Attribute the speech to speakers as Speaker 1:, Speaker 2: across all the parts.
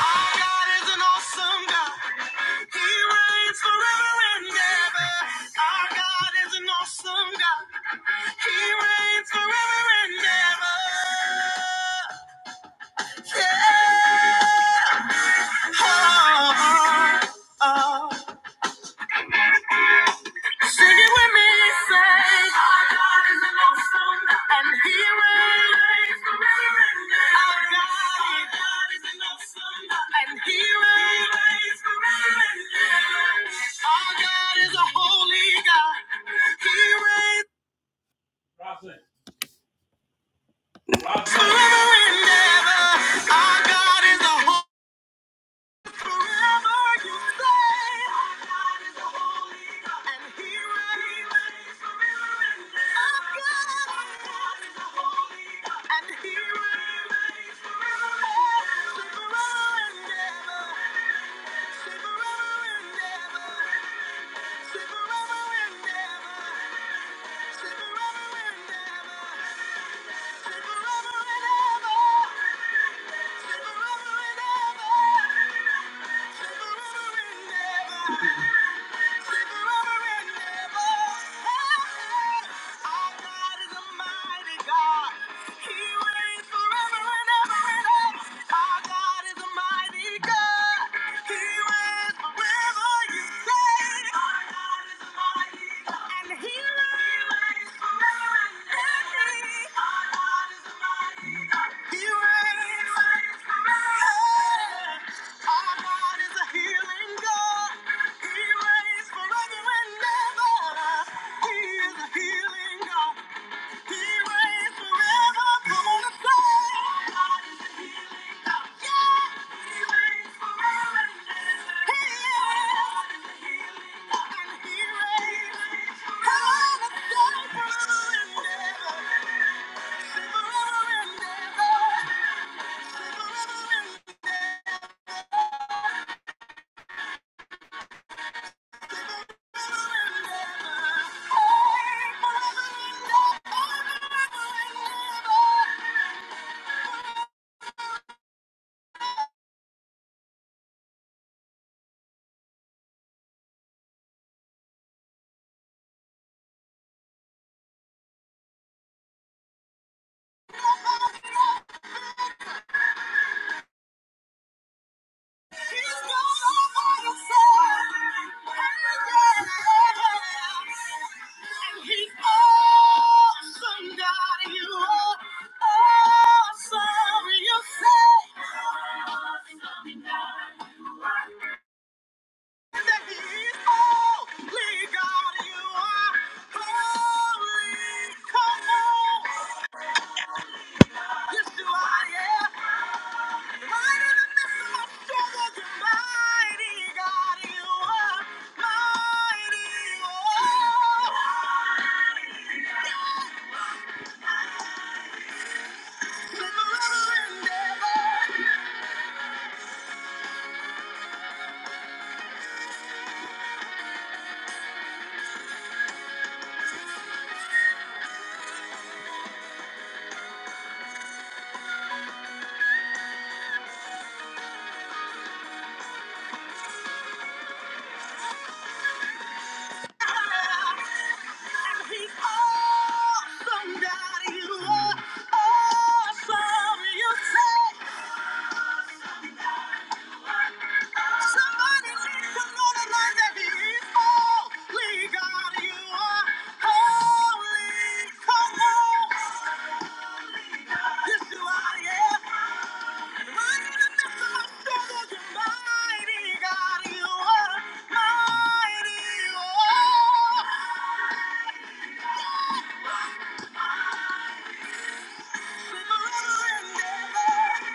Speaker 1: Our God is an awesome God. He reigns forever and ever. Our God is an awesome God. He reigns forever and ever. Yeah. Oh, oh, oh. Sing it with me, say. Our God is a lonesome, and He reigns forever and ever. Our God, our God is a lonesome, and He reigns forever and ever. Our God is a holy God. He reigns forever and ever. Our God is a holy Forever and ever. He reigns forever, you say. Our God is a mighty God. He and God. Thank you. Yes, you are, yeah. Somebody needs to know the line that he is holy God, you are holy. Come on. Yes, you are, yeah. Mighty in the midst of my struggle, you're mighty, God, you are. Mighty, you are. Never ending.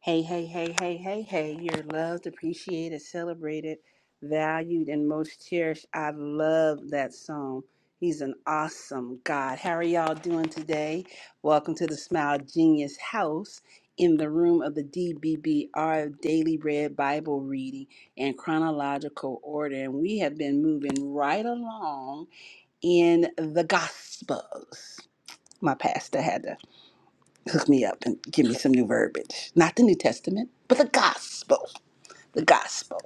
Speaker 1: Hey, hey, hey, hey, hey, hey. You're loved, appreciated, celebrated, valued, and most cherished. I love that song. He's an awesome God. How are y'all doing today? Welcome to the Smile Genius House in the room of the DBBR Daily Bread Bible Reading in chronological order. And we have been moving right along in the Gospels. My pastor had to hook me up and give me some new verbiage. Not the New Testament, but the gospel the gospel.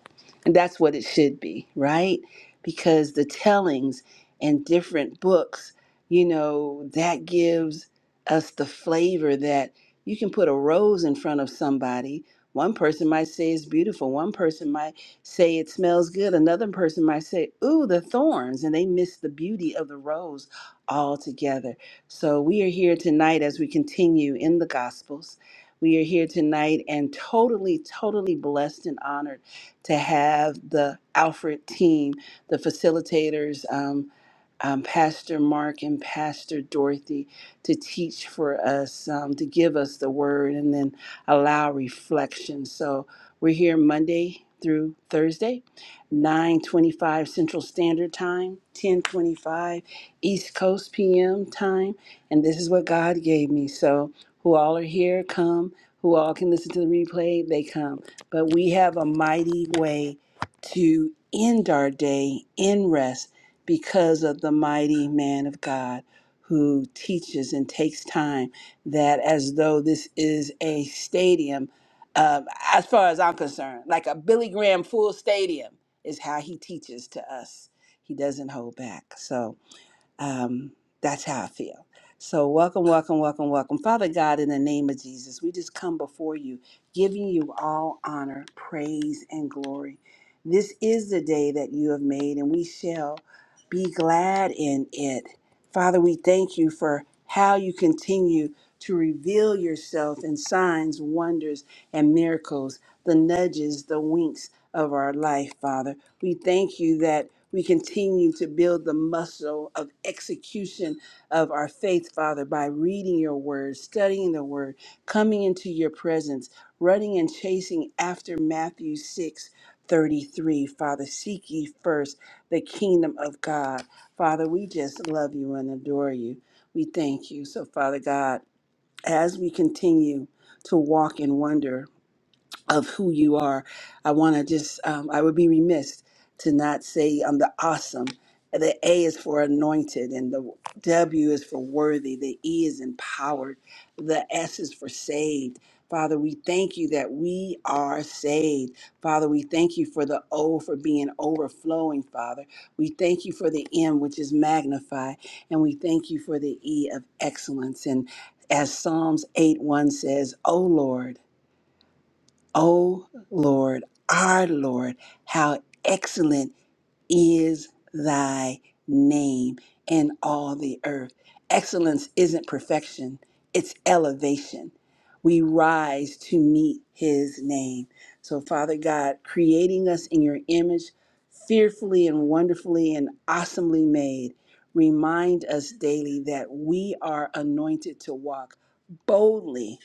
Speaker 1: And that's what it should be, right? Because the tellings in different books, you know, that gives us the flavor that you can put a rose in front of somebody. One person might say it's beautiful. One person might say it smells good. Another person might say, ooh, the thorns. And they miss the beauty of the rose altogether. So we are here tonight as we continue in the Gospels. We are here tonight and totally, totally blessed and honored to have the Alfred team, the facilitators, um, um, Pastor Mark and Pastor Dorothy, to teach for us, um, to give us the word, and then allow reflection. So we're here Monday through Thursday, 9:25 Central Standard Time, 10:25 East Coast PM time, and this is what God gave me. So who all are here, come who all can listen to the replay, they come. But we have a mighty way to end our day in rest because of the mighty man of God who teaches and takes time that as though this is a stadium, um, as far as I'm concerned, like a Billy Graham full stadium is how he teaches to us. He doesn't hold back. So, um, that's how I feel. So, welcome, welcome, welcome, welcome. Father God, in the name of Jesus, we just come before you, giving you all honor, praise, and glory. This is the day that you have made, and we shall be glad in it. Father, we thank you for how you continue to reveal yourself in signs, wonders, and miracles, the nudges, the winks of our life, Father. We thank you that we continue to build the muscle of execution of our faith, Father, by reading your word, studying the word, coming into your presence, running and chasing after Matthew 6 33. Father, seek ye first the kingdom of God. Father, we just love you and adore you. We thank you. So, Father God, as we continue to walk in wonder of who you are. I want to just, um, I would be remiss to not say I'm the awesome. The A is for anointed, and the W is for worthy. The E is empowered. The S is for saved. Father, we thank you that we are saved. Father, we thank you for the O for being overflowing, Father. We thank you for the M, which is magnified, and we thank you for the E of excellence. And as Psalms 8 1 says, O Lord, O Lord, our Lord, how excellent is thy name in all the earth. Excellence isn't perfection, it's elevation. We rise to meet his name. So, Father God, creating us in your image, fearfully and wonderfully and awesomely made, remind us daily that we are anointed to walk boldly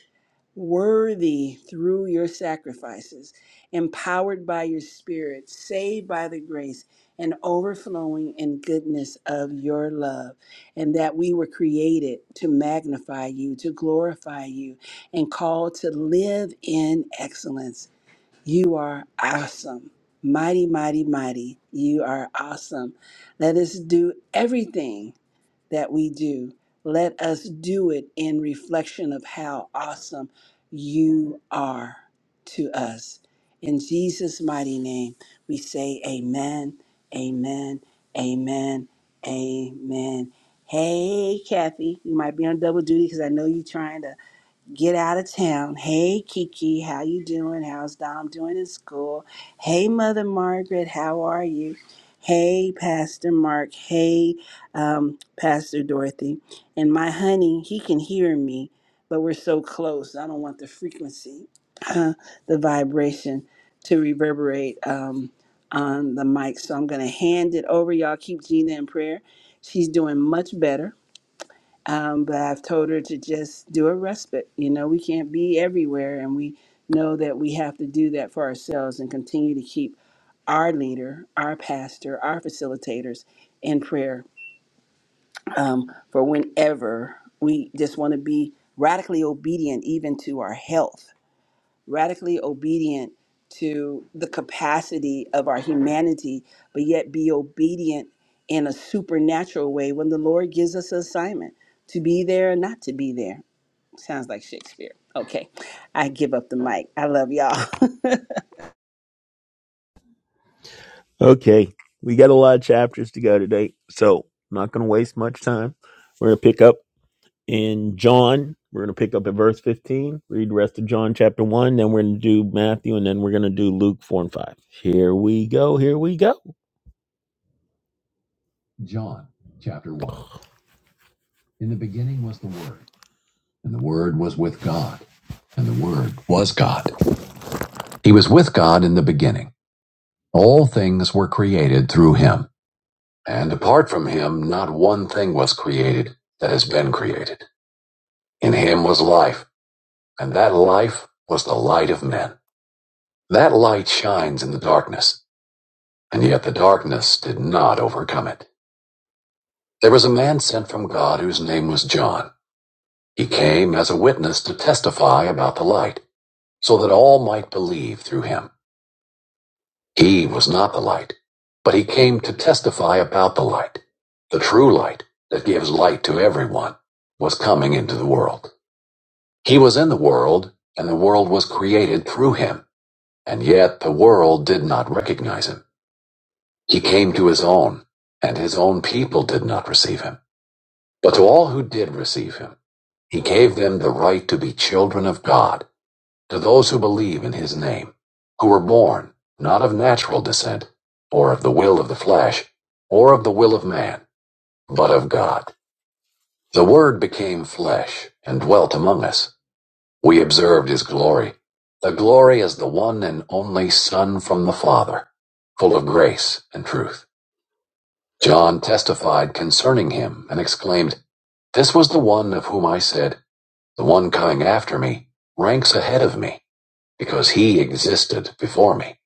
Speaker 1: worthy through your sacrifices, empowered by your spirit, saved by the grace, and overflowing in goodness of your love, and that we were created to magnify you, to glorify you, and called to live in excellence. You are awesome. Mighty, mighty, mighty. You are awesome. Let us do everything that we do. Let us do it in reflection of how awesome you are to us. In Jesus' mighty name, we say amen, amen, amen, amen. Hey, Kathy, you might be on double duty because I know you're trying to get out of town. Hey Kiki, how you doing? How's Dom doing in school? Hey Mother Margaret, how are you? Hey Pastor Mark. Hey um, Pastor Dorothy. And my honey, he can hear me, but we're so close. I don't want the frequency, the vibration to reverberate um, on the mic. So I'm going to hand it over. Y'all keep Gina in prayer. She's doing much better um, but I've told her to just do a respite. You know, we can't be everywhere, and we know that we have to do that for ourselves and continue to keep our leader, our pastor, our facilitators in prayer um, for whenever we just want to be radically obedient, even to our health radically obedient to the capacity of our humanity, but yet be obedient in a supernatural way when the Lord gives us an assignment to be there or not to be there. Sounds like Shakespeare. Okay, I give up the mic. I love y'all.
Speaker 2: Okay, we got a lot of chapters to go today, so I'm not going to waste much time. We're going to pick up in John. We're going to pick up at verse 15, read the rest of John chapter 1, then we're going to do Matthew, and then we're going to do Luke 4 and 5. Here we go, here we go. John chapter 1. In the beginning was the Word, and the Word was with God, and the Word was God. He was with God in the beginning. All things were created through him, and apart from him, not one thing was created that has been created. In him was life, and that life was the light of men. That light shines in the darkness, and yet the darkness did not overcome it. There was a man sent from God whose name was John. He came as a witness to testify about the light, so that all might believe through him. He was not the light, but he came to testify about the light. The true light that gives light to everyone was coming into the world. He was in the world, and the world was created through him And yet the world did not recognize him. He came to his own, and his own people did not receive him. But to all who did receive him, he gave them the right to be children of God, to those who believe in his name, who were born not of natural descent, or of the will of the flesh, or of the will of man, but of God. The Word became flesh and dwelt among us. We observed his glory, the glory as the one and only Son from the Father, full of grace and truth. John testified concerning him and exclaimed, This was the one of whom I said, The one coming after me ranks ahead of me, because he existed before me.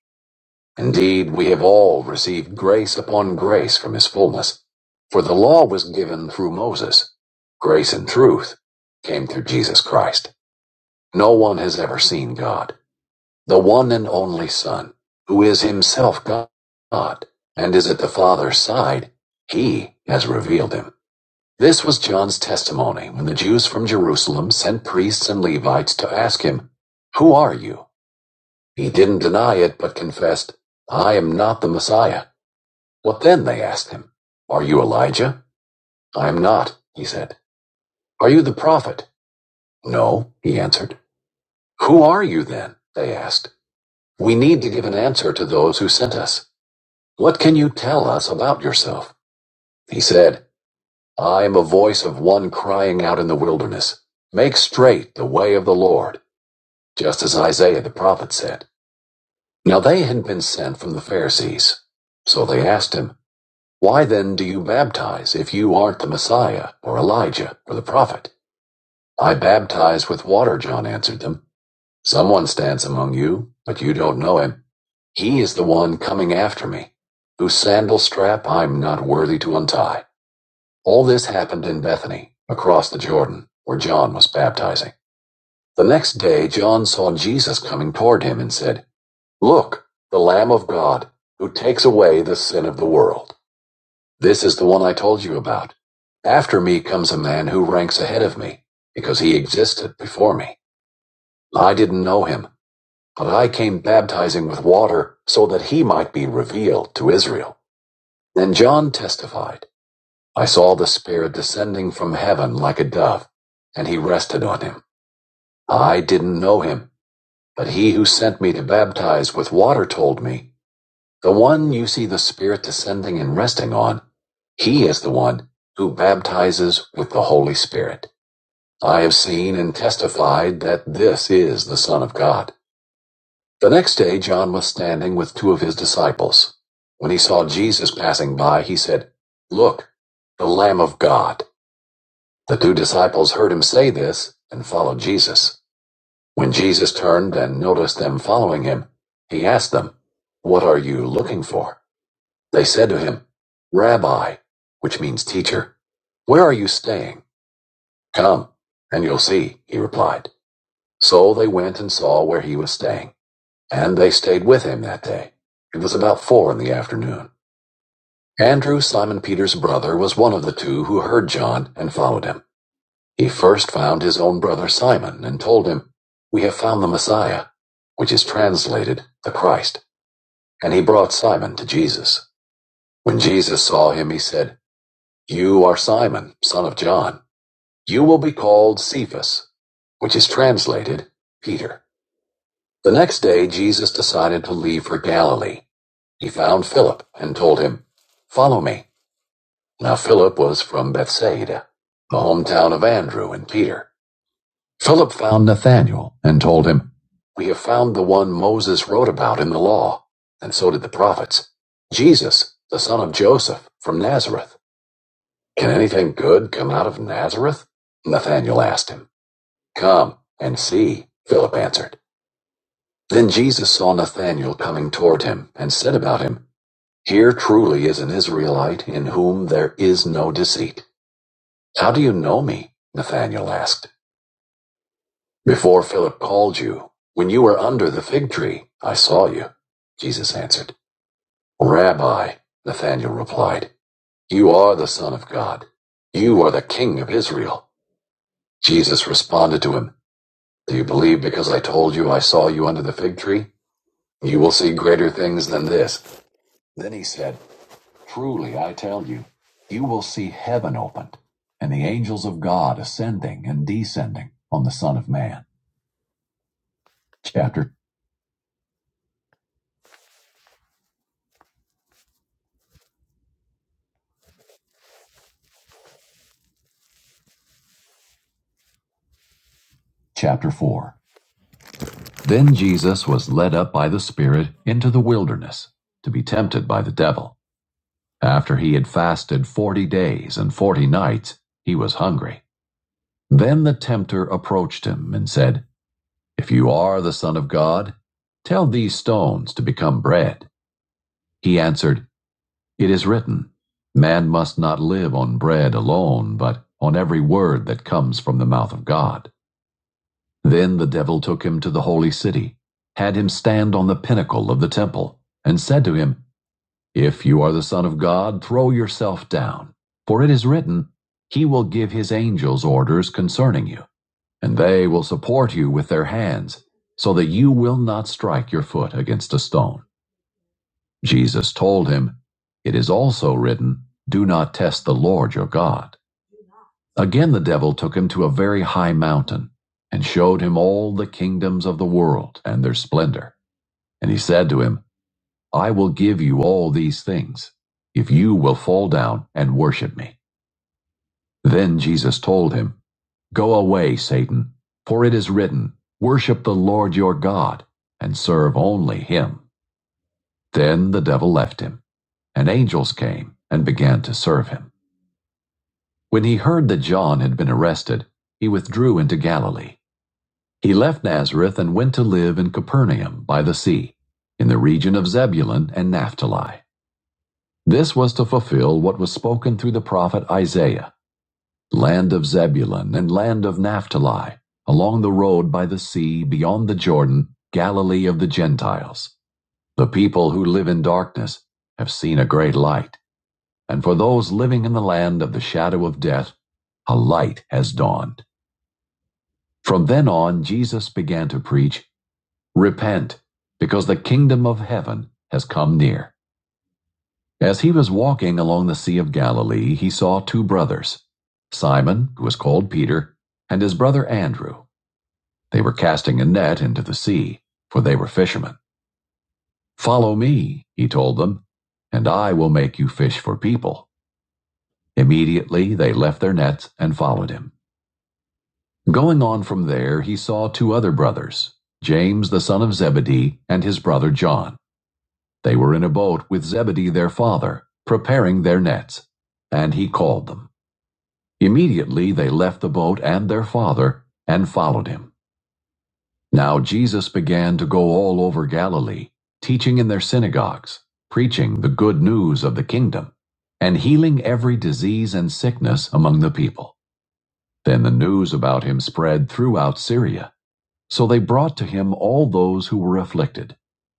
Speaker 2: Indeed, we have all received grace upon grace from his fullness. For the law was given through Moses, grace and truth came through Jesus Christ. No one has ever seen God. the one and only Son, who is himself God and is at the Father's side, he has revealed him. This was John's testimony when the Jews from Jerusalem sent priests and Levites to ask him, Who are you? He didn't deny it, but confessed, I am not the Messiah. What then? They asked him. Are you Elijah? I am not, he said. Are you the prophet? No, he answered. Who are you then? They asked. We need to give an answer to those who sent us. What can you tell us about yourself? He said, I am a voice of one crying out in the wilderness, Make straight the way of the Lord, just as Isaiah the prophet said. Now they had been sent from the Pharisees. So they asked him, Why then do you baptize if you aren't the Messiah, or Elijah, or the prophet? I baptize with water, John answered them. Someone stands among you, but you don't know him. He is the one coming after me, whose sandal strap I'm not worthy to untie. All this happened in Bethany, across the Jordan, where John was baptizing. The next day, John saw Jesus coming toward him and said, Look, the Lamb of God, who takes away the sin of the world. This is the one I told you about. After me comes a man who ranks ahead of me, because he existed before me. I didn't know him, but I came baptizing with water so that he might be revealed to Israel. Then John testified. I saw the Spirit descending from heaven like a dove, and he rested on him. I didn't know him, but he who sent me to baptize with water told me, The one you see the Spirit descending and resting on, he is the one who baptizes with the Holy Spirit. I have seen and testified that this is the Son of God. The next day, John was standing with two of his disciples. When he saw Jesus passing by, he said, Look, the Lamb of God. The two disciples heard him say this and followed Jesus. When Jesus turned and noticed them following him, he asked them, What are you looking for? They said to him, Rabbi, which means teacher, where are you staying? Come, and you'll see, he replied. So they went and saw where he was staying, and they stayed with him that day. It was about four in the afternoon. Andrew, Simon Peter's brother, was one of the two who heard John and followed him. He first found his own brother Simon and told him, We have found the Messiah, which is translated the Christ. And he brought Simon to Jesus. When Jesus saw him, he said, You are Simon, son of John. You will be called Cephas, which is translated Peter. The next day, Jesus decided to leave for Galilee. He found Philip and told him, Follow me. Now Philip was from Bethsaida, the hometown of Andrew and Peter. Philip found Nathanael and told him, We have found the one Moses wrote about in the law, and so did the prophets, Jesus, the son of Joseph, from Nazareth. Can anything good come out of Nazareth? Nathanael asked him. Come and see, Philip answered. Then Jesus saw Nathanael coming toward him and said about him, Here truly is an Israelite in whom there is no deceit. How do you know me? Nathanael asked. "Before Philip called you, when you were under the fig tree, I saw you," Jesus answered. "Rabbi," Nathanael replied, "you are the Son of God. You are the King of Israel." Jesus responded to him, Do you believe because I told you I saw you under the fig tree? You will see greater things than this. Then he said, Truly I tell you, you will see heaven opened and the angels of God ascending and descending on the Son of Man. Chapter chapter 4 Then Jesus was led up by the Spirit into the wilderness to be tempted by the devil. After he had fasted forty days and forty nights, he was hungry. Then the tempter approached him and said, If you are the Son of God, tell these stones to become bread. He answered, It is written, 'Man must not live on bread alone, but on every word that comes from the mouth of God. Then the devil took him to the holy city, had him stand on the pinnacle of the temple, and said to him, If you are the Son of God, throw yourself down. For it is written, He will give His angels orders concerning you, and they will support you with their hands, so that you will not strike your foot against a stone. Jesus told him, It is also written, Do not test the Lord your God. Again the devil took him to a very high mountain, and showed him all the kingdoms of the world and their splendor. And he said to him, I will give you all these things, if you will fall down and worship me. Then Jesus told him, Go away, Satan, for it is written, Worship the Lord your God, and serve only him. Then the devil left him, and angels came and began to serve him. When he heard that John had been arrested, he withdrew into Galilee. He left Nazareth and went to live in Capernaum by the sea, in the region of Zebulun and Naphtali. This was to fulfill what was spoken through the prophet Isaiah Land of Zebulun and land of Naphtali, along the road by the sea beyond the Jordan, Galilee of the Gentiles. The people who live in darkness have seen a great light, and for those living in the land of the shadow of death, a light has dawned. From then on, Jesus began to preach. Repent, because the kingdom of heaven has come near. As he was walking along the Sea of Galilee, he saw two brothers, Simon, who was called Peter, and his brother Andrew. They were casting a net into the sea, for they were fishermen. Follow me, he told them, and I will make you fish for people. Immediately they left their nets and followed him. Going on from there, he saw two other brothers, James the son of Zebedee and his brother John. They were in a boat with Zebedee their father, preparing their nets. And he called them. Immediately they left the boat and their father and followed him. Now Jesus began to go all over Galilee, teaching in their synagogues, preaching the good news of the kingdom, and healing every disease and sickness among the people. Then the news about him spread throughout Syria so they brought to him all those who were afflicted,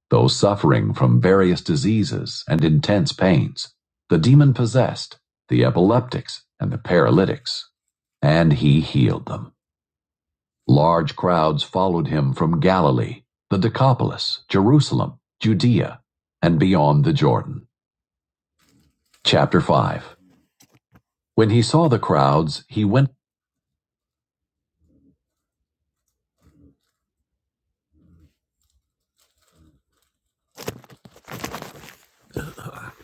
Speaker 2: those suffering from various diseases and intense pains, the demon possessed, the epileptics, and the paralytics. And he healed them. Large crowds followed him from Galilee, the Decapolis, Jerusalem, Judea, and beyond the Jordan. Chapter 5 When he saw the crowds, he went. back.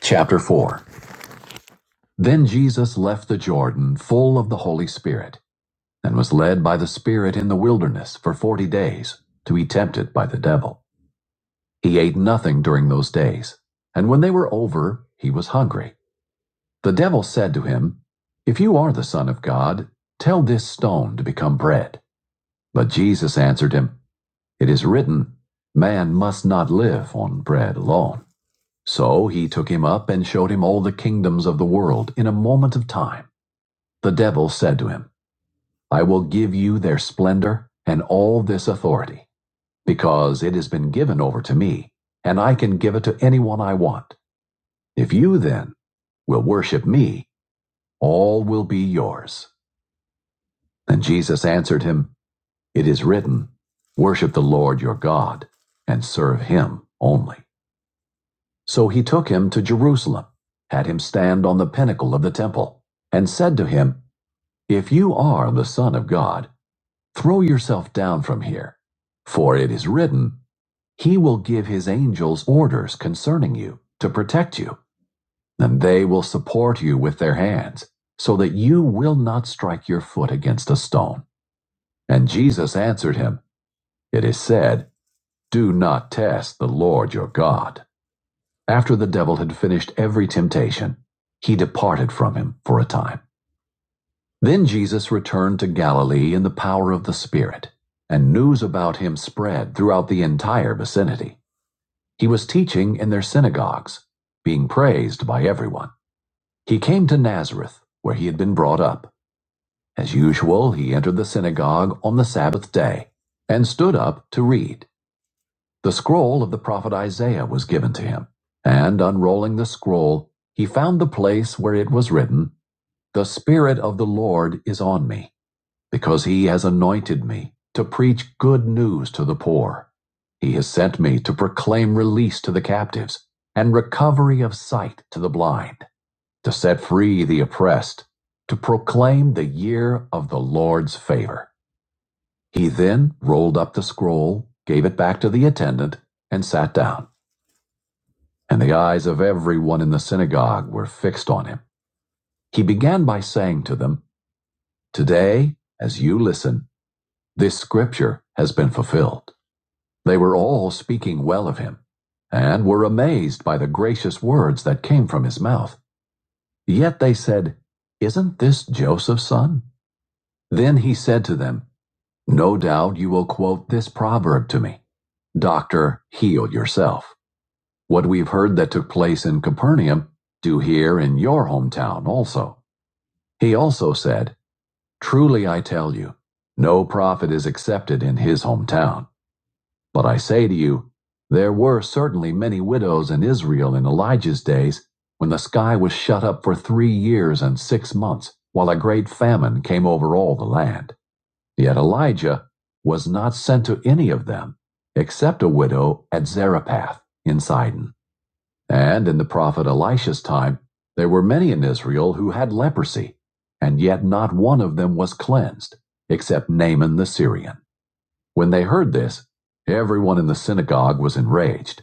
Speaker 2: Chapter 4 Then Jesus left the Jordan full of the Holy Spirit and was led by the Spirit in the wilderness for forty days to be tempted by the devil. He ate nothing during those days, and when they were over, he was hungry. The devil said to him, If you are the Son of God, tell this stone to become bread. But Jesus answered him, It is written, 'Man must not live on bread alone. So he took him up and showed him all the kingdoms of the world in a moment of time. The devil said to him, I will give you their splendor and all this authority because it has been given over to me, and I can give it to anyone I want. If you then will worship me, all will be yours. And Jesus answered him, It is written, Worship the Lord your God, and serve him only. So he took him to Jerusalem, had him stand on the pinnacle of the temple, and said to him, If you are the Son of God, throw yourself down from here, for it is written, He will give his angels orders concerning you to protect you, and they will support you with their hands, so that you will not strike your foot against a stone. And Jesus answered him, It is said, Do not test the Lord your God. After the devil had finished every temptation, he departed from him for a time. Then Jesus returned to Galilee in the power of the Spirit, and news about him spread throughout the entire vicinity. He was teaching in their synagogues, being praised by everyone. He came to Nazareth, where he had been brought up. As usual, he entered the synagogue on the Sabbath day and stood up to read. The scroll of the prophet Isaiah was given to him, and unrolling the scroll, he found the place where it was written, The Spirit of the Lord is on me because he has anointed me to preach good news to the poor. He has sent me to proclaim release to the captives and recovery of sight to the blind, to set free the oppressed, to proclaim the year of the Lord's favor. He then rolled up the scroll, gave it back to the attendant, and sat down. And the eyes of everyone in the synagogue were fixed on him. He began by saying to them, Today, as you listen, this scripture has been fulfilled. They were all speaking well of him, and were amazed by the gracious words that came from his mouth. Yet they said, Isn't this Joseph's son? Then he said to them, No doubt you will quote this proverb to me: 'Doctor, heal yourself. What we've heard that took place in Capernaum, do here in your hometown also. He also said, Truly I tell you, no prophet is accepted in his hometown. But I say to you, there were certainly many widows in Israel in Elijah's days, when the sky was shut up for three years and six months, while a great famine came over all the land. Yet Elijah was not sent to any of them, except a widow at Zarephath in Sidon. And in the prophet Elisha's time, there were many in Israel who had leprosy, and yet not one of them was cleansed, except Naaman the Syrian. When they heard this, everyone in the synagogue was enraged.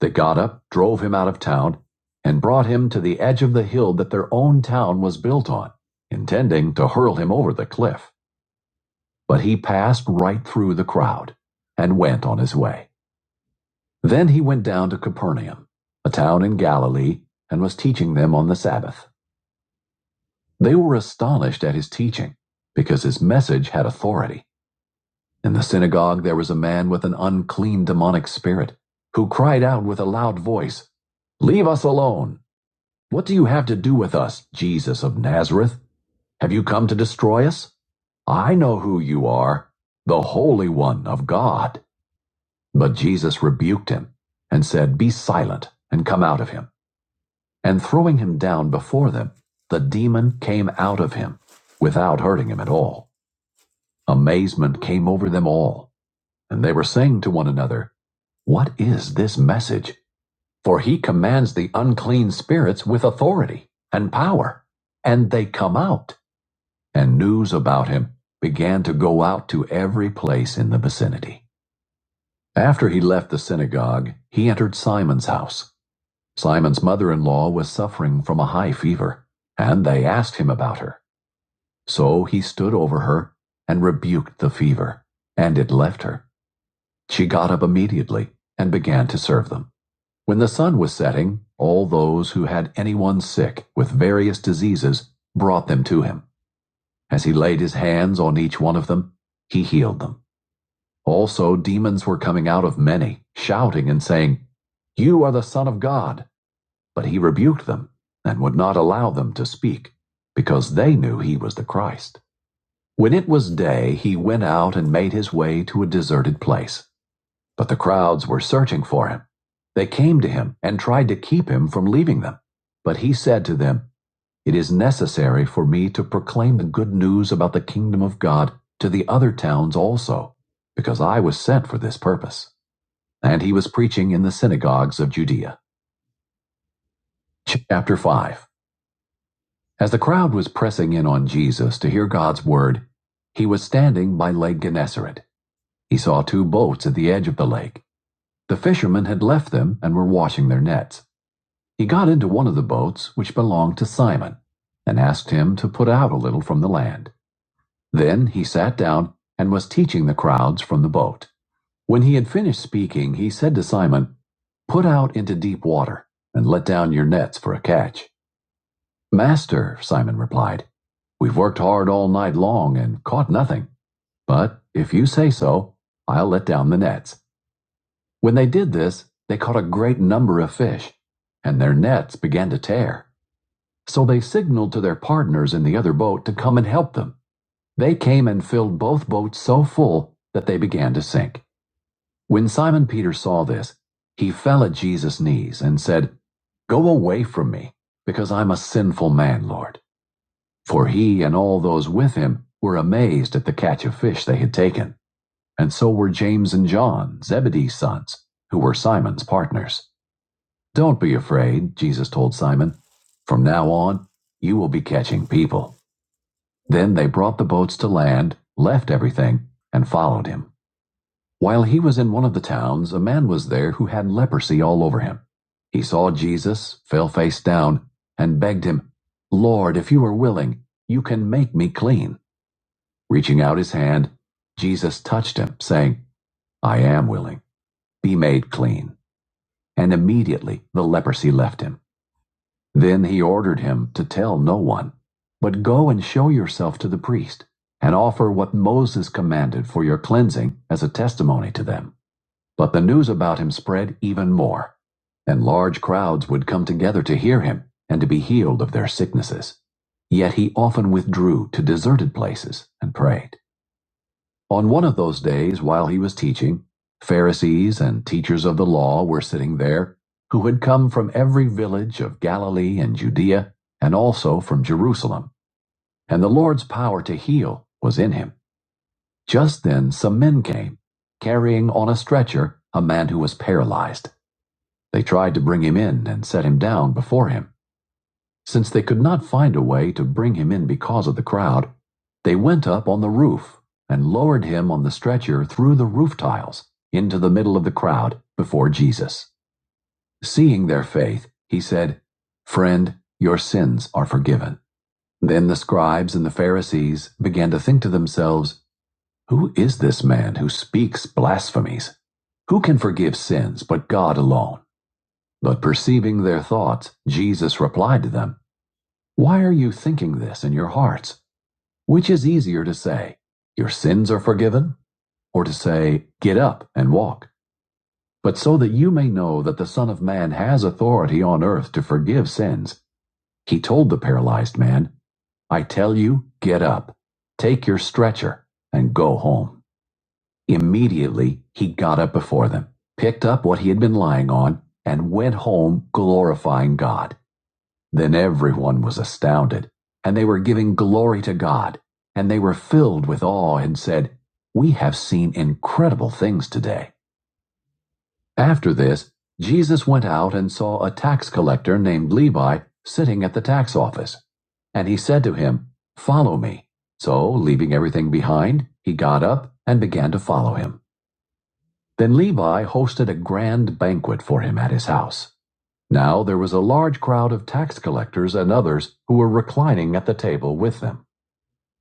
Speaker 2: They got up, drove him out of town, and brought him to the edge of the hill that their own town was built on, intending to hurl him over the cliff. But he passed right through the crowd and went on his way. Then he went down to Capernaum, a town in Galilee, and was teaching them on the Sabbath. They were astonished at his teaching, because his message had authority. In the synagogue there was a man with an unclean demonic spirit, who cried out with a loud voice, Leave us alone! What do you have to do with us, Jesus of Nazareth? Have you come to destroy us? I know who you are, the Holy One of God. But Jesus rebuked him and said, Be silent and come out of him. And throwing him down before them, the demon came out of him without hurting him at all. Amazement came over them all. And they were saying to one another, What is this message? For he commands the unclean spirits with authority and power, and they come out. And news about him began to go out to every place in the vicinity. After he left the synagogue, he entered Simon's house. Simon's mother in law was suffering from a high fever, and they asked him about her. So he stood over her and rebuked the fever, and it left her She got up immediately and began to serve them. When the sun was setting, all those who had anyone sick with various diseases brought them to him. As he laid his hands on each one of them, he healed them. Also, demons were coming out of many, shouting and saying, You are the Son of God. But he rebuked them and would not allow them to speak, because they knew he was the Christ. When it was day, he went out and made his way to a deserted place. But the crowds were searching for him. They came to him and tried to keep him from leaving them. But he said to them, It is necessary for me to proclaim the good news about the kingdom of God to the other towns also, because I was sent for this purpose. And he was preaching in the synagogues of Judea. Chapter 5 As the crowd was pressing in on Jesus to hear God's word, he was standing by Lake Gennesaret. He saw two boats at the edge of the lake. The fishermen had left them and were washing their nets. He got into one of the boats which belonged to Simon, and asked him to put out a little from the land. Then he sat down and was teaching the crowds from the boat. When he had finished speaking, he said to Simon, Put out into deep water and let down your nets for a catch. Master, Simon replied, We've worked hard all night long and caught nothing. But if you say so, I'll let down the nets. When they did this, they caught a great number of fish, and their nets began to tear. So they signaled to their partners in the other boat to come and help them. They came and filled both boats so full that they began to sink. When Simon Peter saw this, he fell at Jesus' knees and said, Go away from me, because I'm a sinful man, Lord. For he and all those with him were amazed at the catch of fish they had taken, and so were James and John, Zebedee's sons, who were Simon's partners. Don't be afraid, Jesus told Simon. From now on, you will be catching people. Then they brought the boats to land, left everything, and followed him. While he was in one of the towns, a man was there who had leprosy all over him. He saw Jesus, fell face down, and begged him, Lord, if you are willing, you can make me clean. Reaching out his hand, Jesus touched him, saying, I am willing, be made clean. And immediately the leprosy left him. Then he ordered him to tell no one, but go and show yourself to the priest, and offer what Moses commanded for your cleansing as a testimony to them. But the news about him spread even more, and large crowds would come together to hear him and to be healed of their sicknesses. Yet he often withdrew to deserted places and prayed. On one of those days, while he was teaching, Pharisees and teachers of the law were sitting there, who had come from every village of Galilee and Judea, and also from Jerusalem. And the Lord's power to heal was in him. Just then some men came, carrying on a stretcher a man who was paralyzed. They tried to bring him in and set him down before him. Since they could not find a way to bring him in because of the crowd, they went up on the roof and lowered him on the stretcher through the roof tiles into the middle of the crowd before Jesus. Seeing their faith, he said, Friend, your sins are forgiven. Then the scribes and the Pharisees began to think to themselves, Who is this man who speaks blasphemies? Who can forgive sins but God alone? But perceiving their thoughts, Jesus replied to them, why are you thinking this in your hearts? Which is easier to say, Your sins are forgiven? Or to say, Get up and walk? But so that you may know that the Son of Man has authority on earth to forgive sins, he told the paralyzed man, I tell you, get up, take your stretcher, and go home. Immediately he got up before them, picked up what he had been lying on, and went home glorifying God. Then everyone was astounded, and they were giving glory to God, and they were filled with awe and said, We have seen incredible things today. After this, Jesus went out and saw a tax collector named Levi sitting at the tax office. And he said to him, Follow me. So, leaving everything behind, he got up and began to follow him. Then Levi hosted a grand banquet for him at his house. Now there was a large crowd of tax collectors and others who were reclining at the table with them.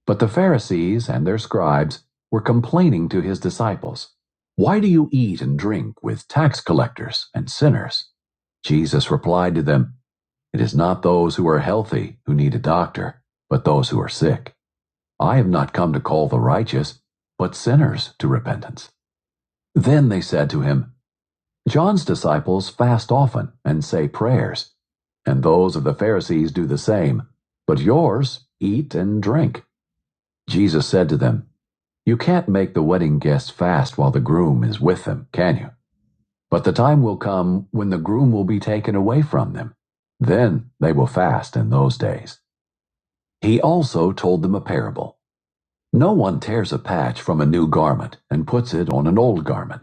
Speaker 2: But the Pharisees and their scribes were complaining to his disciples, Why do you eat and drink with tax collectors and sinners? Jesus replied to them, It is not those who are healthy who need a doctor, but those who are sick. I have not come to call the righteous, but sinners to repentance. Then they said to him, John's disciples fast often and say prayers, and those of the Pharisees do the same. But yours eat and drink. Jesus said to them, You can't make the wedding guests fast while the groom is with them, can you? But the time will come when the groom will be taken away from them. Then they will fast in those days. He also told them a parable. No one tears a patch from a new garment and puts it on an old garment.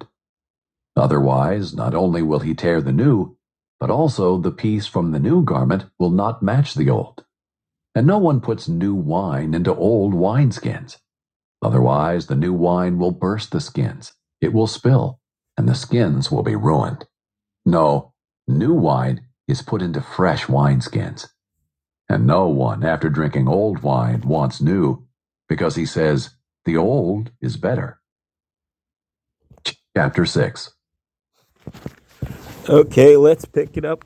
Speaker 2: Otherwise, not only will he tear the new, but also the piece from the new garment will not match the old. And no one puts new wine into old wineskins. Otherwise, the new wine will burst the skins, it will spill, and the skins will be ruined. No, new wine is put into fresh wineskins. And no one, after drinking old wine, wants new, because he says, the old is better. Chapter 6. Okay, let's pick it up.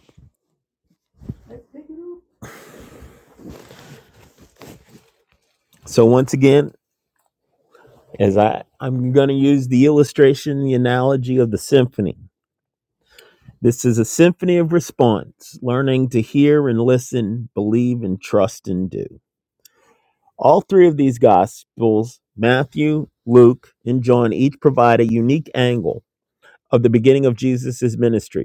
Speaker 2: So once again, as I, I'm going to use the illustration, the analogy of the symphony. This is a symphony of response, learning to hear and listen, believe and trust and do. All three of these gospels, Matthew, Luke, and John, each provide a unique angle of the beginning of Jesus' ministry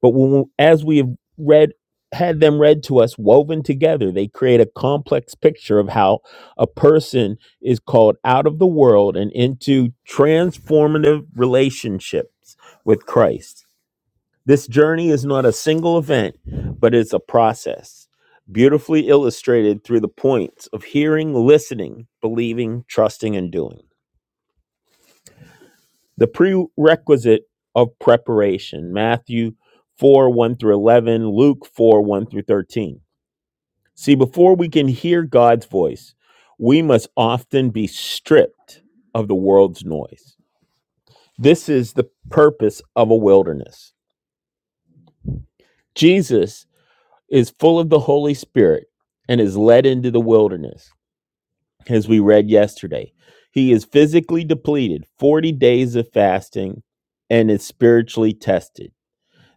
Speaker 2: but when, we- as we have read, had them read to us, woven together, they create a complex picture of how a person is called out of the world and into transformative relationships with Christ. This journey is not a single event, but it's a process, beautifully illustrated through the points of hearing, listening, believing, trusting, and doing. The prerequisite of preparation, Matthew 4 1 through 11, Luke 4 1 through 13. See, before we can hear God's voice, we must often be stripped of the world's noise. This is the purpose of a wilderness. Jesus is full of the Holy Spirit and is led into the wilderness, as we read yesterday. He is physically depleted, 40 days of fasting, and is spiritually tested.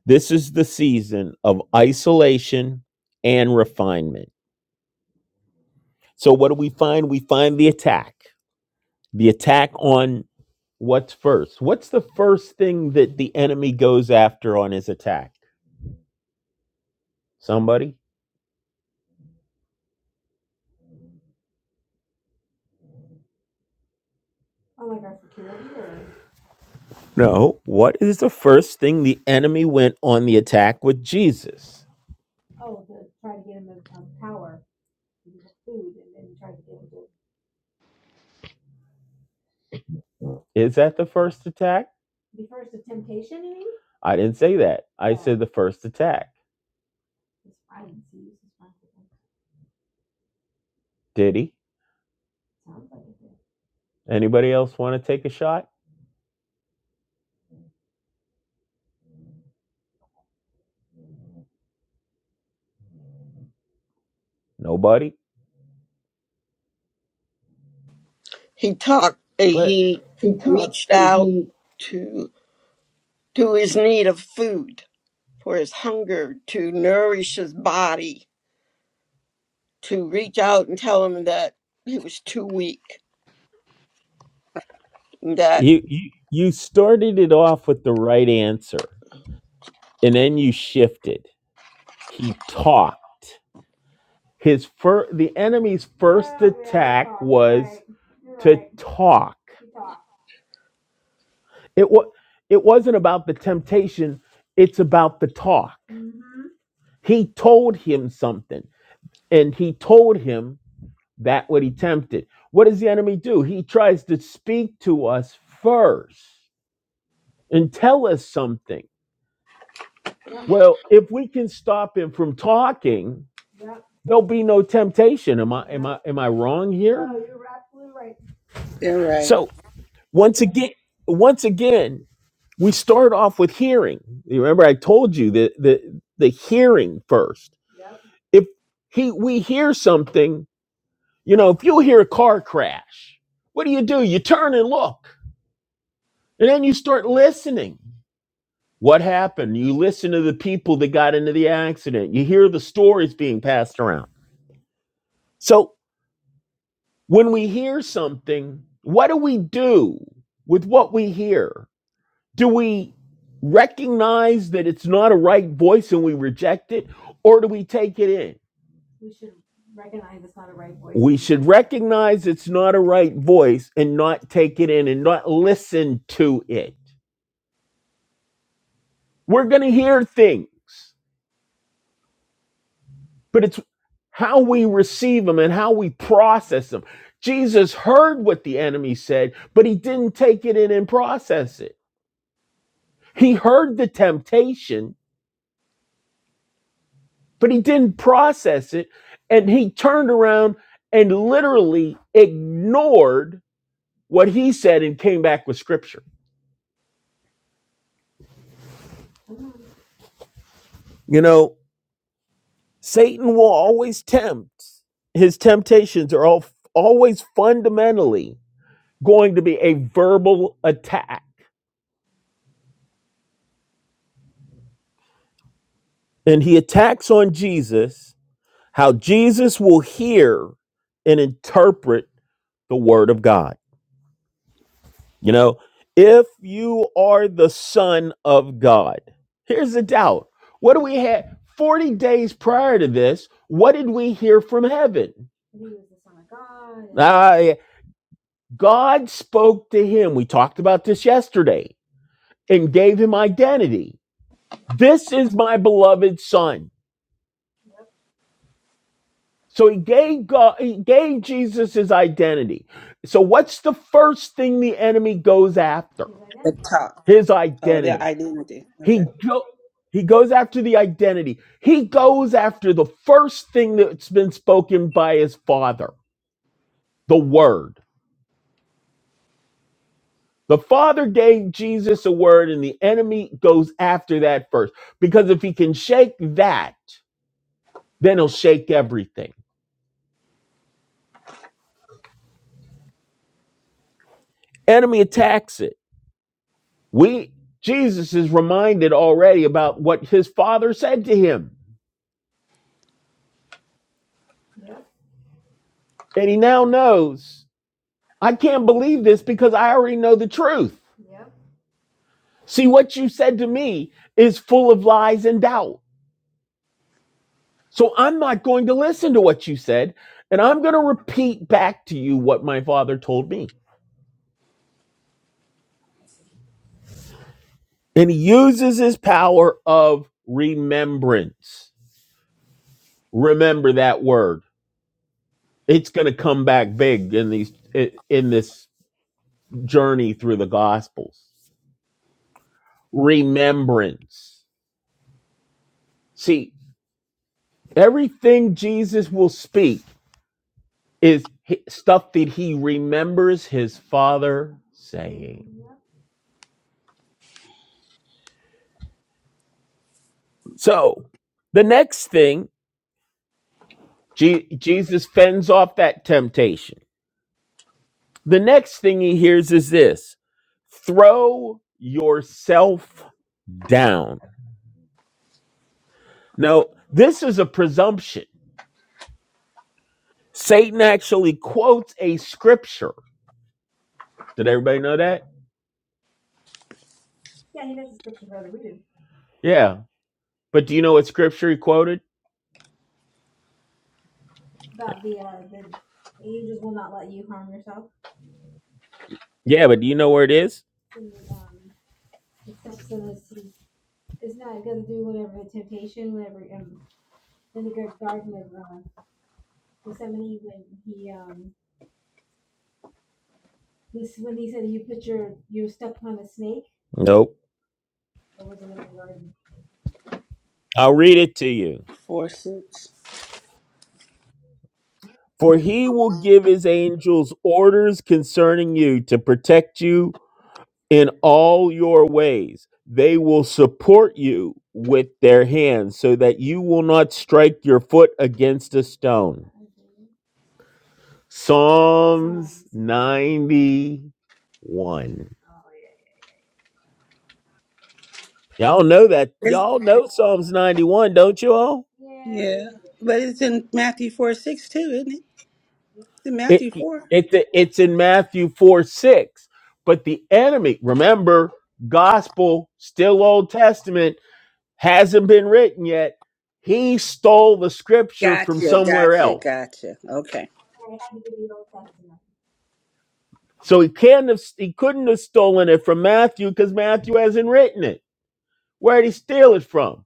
Speaker 2: This is the season of isolation and refinement. So, what do we find? We find the attack. The attack on what's first. What's the first thing that the enemy goes after on his attack? Somebody? No. What is the first thing the enemy went on the attack with Jesus? Is that the first attack? I didn't say that. I said the first attack. Did he? Anybody else want to take a shot? Nobody?
Speaker 3: he talked uh,
Speaker 2: What?
Speaker 3: he reached out to to his need of food for his hunger to nourish his body to reach out and tell him that he was too weak that
Speaker 2: You, you you started it off with the right answer, and then you shifted. He talked. His fir- the enemy's fir- talk. It was it wasn't about the temptation. It's about the talk. He told him something, and he told him that what he tempted. What does the enemy do? He tries to speak to us first and tell us something. Well, if we can stop him from talking, There'll be no temptation. Am I am I am I wrong here?
Speaker 1: They're right.
Speaker 2: So once again, once again, we start off with hearing. You Remember, I told you the the the hearing first. If he we hear something, you know, if you hear a car crash, what do you do? You turn and look, and then you start listening. What happened? You listen to the people that got into the accident. You hear the stories being passed around. So When we hear something, what do we do with what we hear? Do we recognize that it's not a right voice and we reject it, or do we take it in? We should recognize it's not a right voice and not take it in and not listen to it. We're going to hear things, but it's how we receive them and how we process them. Jesus heard what the enemy said, but he didn't take it in and process it. He heard the temptation, but he didn't process it. And he turned around and literally ignored what he said and came back with scripture. You know, Satan will always tempt, his temptations are all, always fundamentally going to be a verbal attack. And he attacks on Jesus, how Jesus will hear and interpret the word of God. You know, if you are the son of God, here's the doubt. What do we have? 40 days prior to this, what did we hear from heaven? Uh, God spoke to him. We talked about this yesterday and gave him identity. This is my beloved son. So he gave God, he gave Jesus his identity. So what's the first thing the enemy goes after?
Speaker 1: The top.
Speaker 2: His
Speaker 1: Oh,
Speaker 2: identity.
Speaker 1: their identity. Okay.
Speaker 2: He go, he goes after the identity. He goes after the first thing that's been spoken by his father, the word. The father gave Jesus a word and the enemy goes after that first because if he can shake that, then he'll shake everything. Enemy attacks it. We Jesus is reminded already about what his father said to him. And he now knows, I can't believe this because I already know the truth. See, what you said to me is full of lies and doubt. So I'm not going to listen to what you said. And I'm going to repeat back to you what my father told me. And he uses his power of remembrance. Remember that word. It's going to come back big in these in this journey through the gospels. Remembrance. See, everything Jesus will speak is stuff that he remembers his father saying So the next thing, Je- Jesus fends off that temptation. The next thing he hears is this throw yourself down. Now, this is a presumption. Satan actually quotes a scripture. Did everybody know that? Yeah. But do you know what scripture he quoted? Yeah, but do you know where it is? Nope. I'll read it to you.
Speaker 1: Four six.
Speaker 2: For he will give his angels orders concerning you to protect you in all your ways. They will support you with their hands so that you will not strike your foot against a stone. Psalm 91. Y'all know that.
Speaker 1: It's,
Speaker 2: Y'all know Psalms 91, don't you all?
Speaker 1: yeah. But it's in Matthew four six too, isn't it? It's in
Speaker 2: It,
Speaker 1: Matthew
Speaker 2: it,
Speaker 1: four.
Speaker 2: it's in Matthew 4 6. But the enemy, remember, gospel, still Old Testament, hasn't been written yet. He stole the scripture from
Speaker 1: Gotcha,
Speaker 2: somewhere
Speaker 1: gotcha,
Speaker 2: else
Speaker 1: gotcha. Okay.
Speaker 2: So he can't have he couldn't have stolen it from Matthew because Matthew hasn't written it. Where did he steal it from?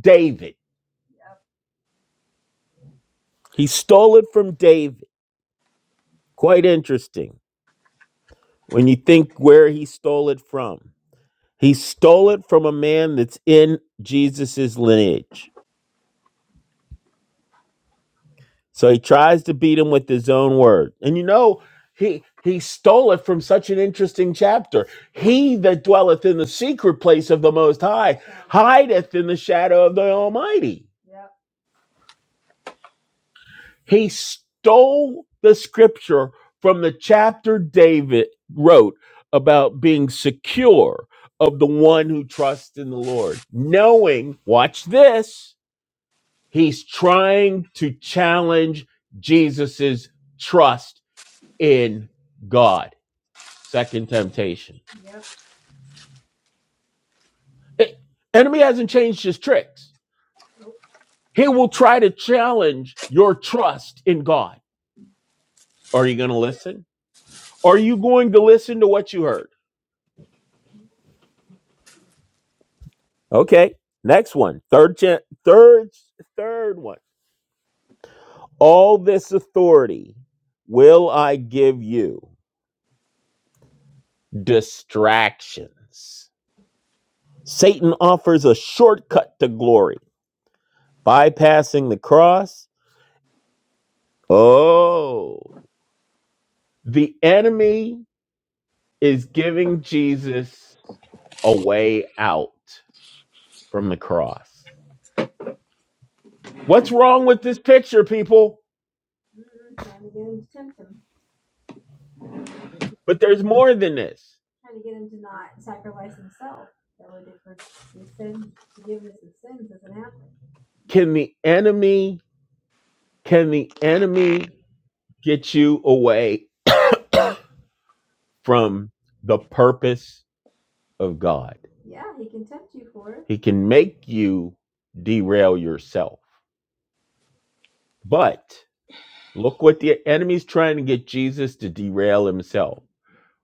Speaker 2: David. He stole it from David. Quite interesting when you think where he stole it from. He stole it from a man that's in Jesus's lineage. So he tries to beat him with his own word. And you know, he he stole it from such an interesting chapter. He that dwelleth in the secret place of the most high hideth in the shadow of the Almighty He stole the scripture from the chapter David wrote about being secure of the one who trusts in the Lord, knowing, watch this, he's trying to challenge Jesus's trust in God. Second temptation. Eh, enemy hasn't changed his tricks. He will try to challenge your trust in God. Are you going to listen? Are you going to listen to what you heard? Okay. Next one. Third gen- third third one. All this authority will I give you. Distractions. Satan offers a shortcut to glory, bypassing the cross. Oh. The enemy is giving Jesus a way out from the cross. What's wrong with this picture, people? But there's more than this. Can the enemy can the enemy get you away from the purpose of God. He can make you derail yourself. But look what the enemy's trying to get Jesus to derail himself.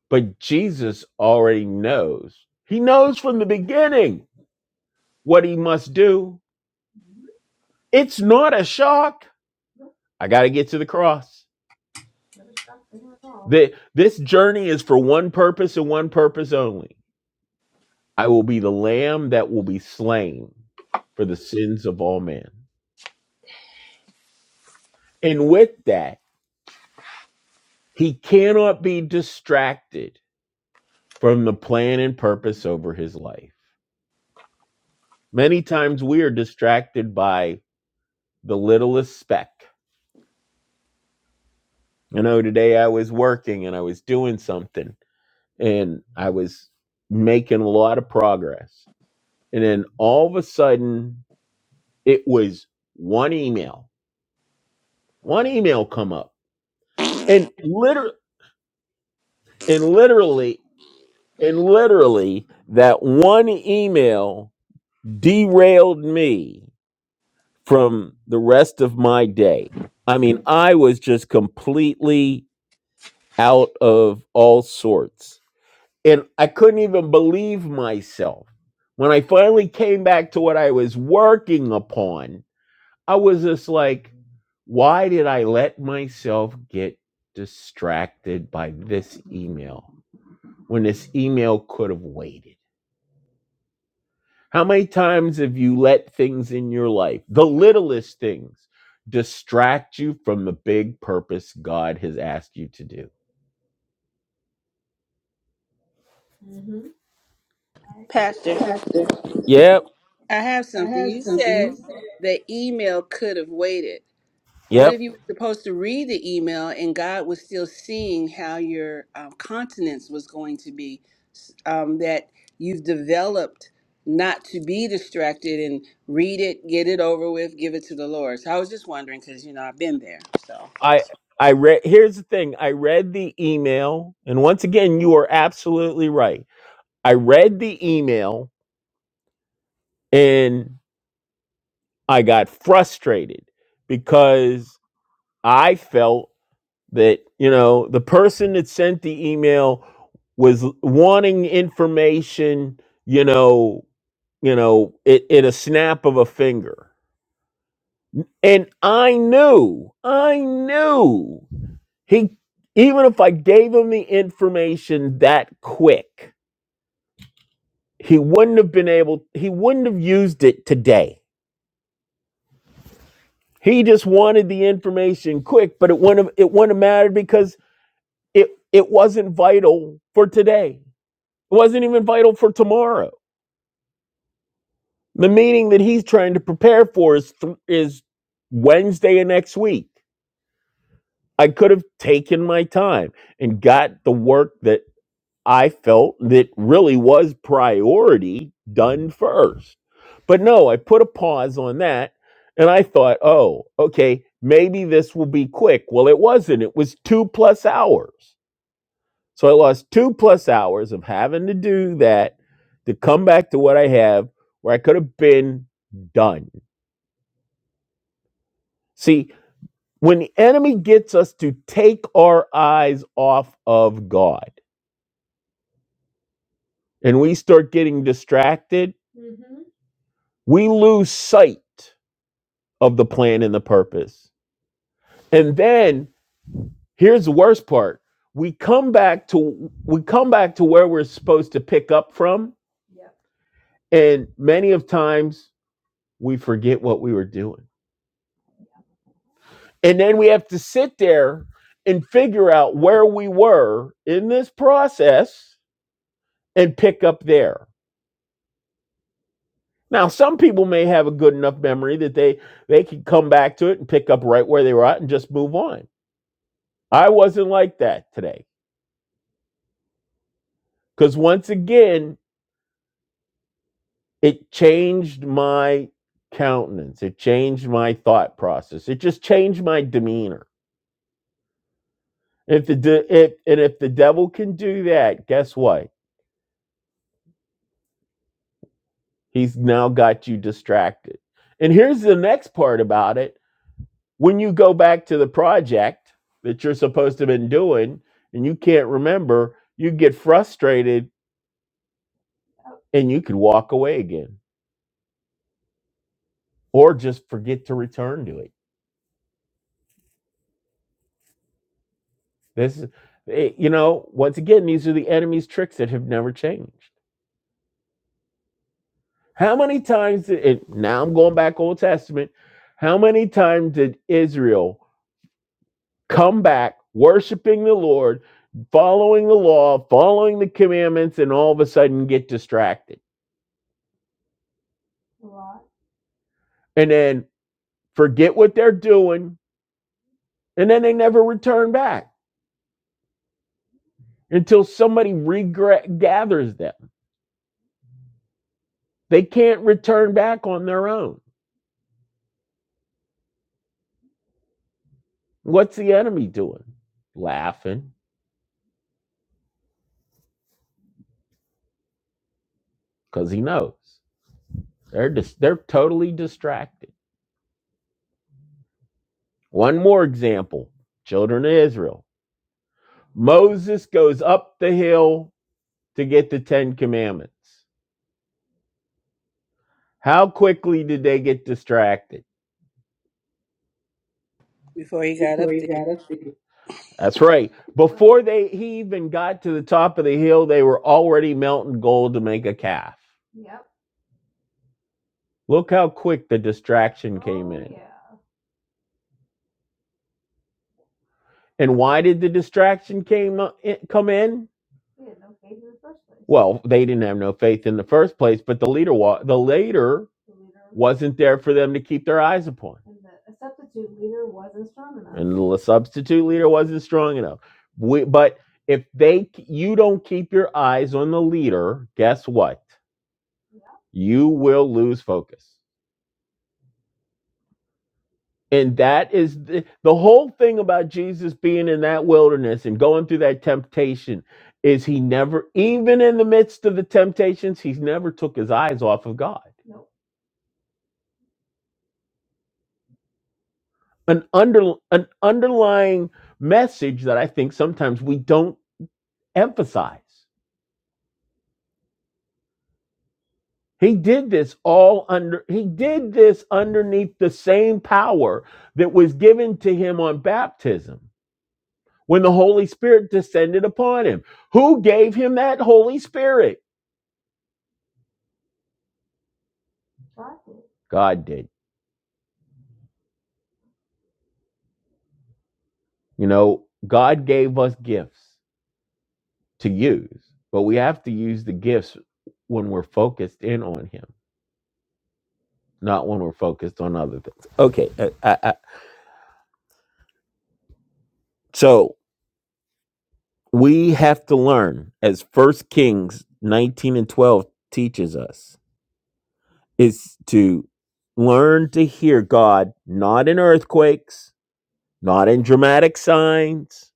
Speaker 2: But Jesus already knows. He knows from the beginning what he must do. It's not a shock. I got to get to the cross. This journey is for one purpose and one purpose only. I will be the lamb that will be slain for the sins of all men. And with that, he cannot be distracted from the plan and purpose over his life. Many times we are distracted by the littlest speck. You know, today I was working and I was doing something and I was making a lot of progress. And then all of a sudden, it was one email, one email come up. And literally, and literally, and literally, that one email derailed me from the rest of my day. I mean, I was just completely out of all sorts. And I couldn't even believe myself. When I finally came back to what I was working upon, I was just like, why did I let myself get distracted by this email when this email could have waited? How many times have you let things in your life, the littlest things, distract you from the big purpose God has asked you to do?
Speaker 1: Pastor.
Speaker 2: Yep,
Speaker 1: I have something. You said the email could have waited. What
Speaker 2: yep.
Speaker 1: if you were supposed to read the email and God was still seeing how your um, continence was going to be? s- Um, that you've developed not to be distracted and read it, get it over with, give it to the Lord. So I was just wondering because, you know, I've been there. So
Speaker 2: I
Speaker 1: just
Speaker 2: I read here's the thing. I read the email, and once again, you are absolutely right. I read the email and I got frustrated because I felt that, you know, the person that sent the email was wanting information, you know, you know, it in a snap of a finger. And I knew, I knew he, even if I gave him the information that quick, he wouldn't have been able, he wouldn't have used it today. He just wanted the information quick, but it wouldn't have, it wouldn't have mattered because it, it wasn't vital for today. It wasn't even vital for tomorrow. The meeting that he's trying to prepare for is, th- is Wednesday of next week I could have taken my time and got the work that I felt that really was priority done first. But no, I put a pause on that and I thought, oh, okay, maybe this will be quick. Well, it wasn't. It was two plus hours. So I lost two plus hours of having to do that to come back to what I have where I could have been done. See, when the enemy gets us to take our eyes off of God, and we start getting distracted, we lose sight of the plan and the purpose. And then here's the worst part. We come back to we come back to where we're supposed to pick up from and many of times we forget what we were doing. And then we have to sit there and figure out where we were in this process and pick up there. Now, some people may have a good enough memory that they they can come back to it and pick up right where they were at and just move on I wasn't like that today. Because once again, it changed my countenance. It changed my thought process. It just changed my demeanor. If the de- if, and if the devil can do that, guess what? He's now got you distracted. And here's the next part about it. When you go back to the project that you're supposed to have been doing and you can't remember, you get frustrated and you could walk away again or just forget to return to it This, is- it- you know, once again, these are the enemy's tricks that have never changed. How many times did it, now I'm going back Old Testament? How many times did Israel come back worshiping the Lord, following the law, following the commandments, and all of a sudden get distracted and then forget what they're doing, and then they never return back until somebody regathers them? They can't return back on their own. What's the enemy doing? Laughing because he knows they're dis- they're totally distracted. One more example: children of Israel. Moses goes up the hill to get the Ten Commandments. How quickly did they get distracted?
Speaker 1: before he got up there,
Speaker 2: That's right. Before they he even got to the top of the hill, they were already melting gold to make a calf. Look how quick the distraction. And why did the distraction came come in? Well, they didn't have no faith in the first place, but the leader wa- the leader wasn't there for them to keep their eyes upon. The substitute leader wasn't strong enough. We, but if they you don't keep your eyes on the leader, guess what? You will lose focus. And that is the, the whole thing about Jesus being in that wilderness and going through that temptation is he never even in the midst of the temptations, he's never took his eyes off of God. An under an underlying message that I think sometimes we don't emphasize. He did this all under, he did this underneath the same power that was given to him on baptism when the Holy Spirit descended upon him. Who gave him that Holy Spirit? God did. You know, God gave us gifts to use, but we have to use the gifts when we're focused in on him, not when we're focused on other things. Okay. uh, I, I, so we have to learn, as First Kings 19 and 12 teaches us is to learn to hear God not in earthquakes, not in dramatic signs,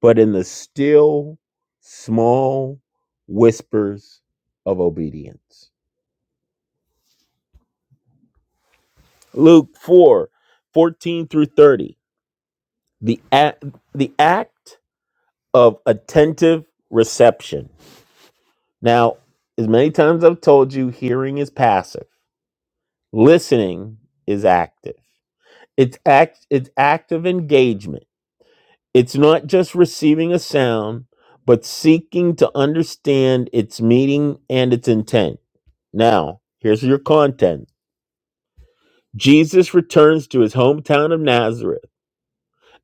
Speaker 2: but in the still, small whispers of obedience. Luke 4, 14 through 30, the, act, the act of attentive reception. Now, as many times I've told you, hearing is passive, listening is active. It's act, it's active engagement It's not just receiving a sound, but seeking to understand its meaning and its intent. Now, here's your content Jesus returns to his hometown of Nazareth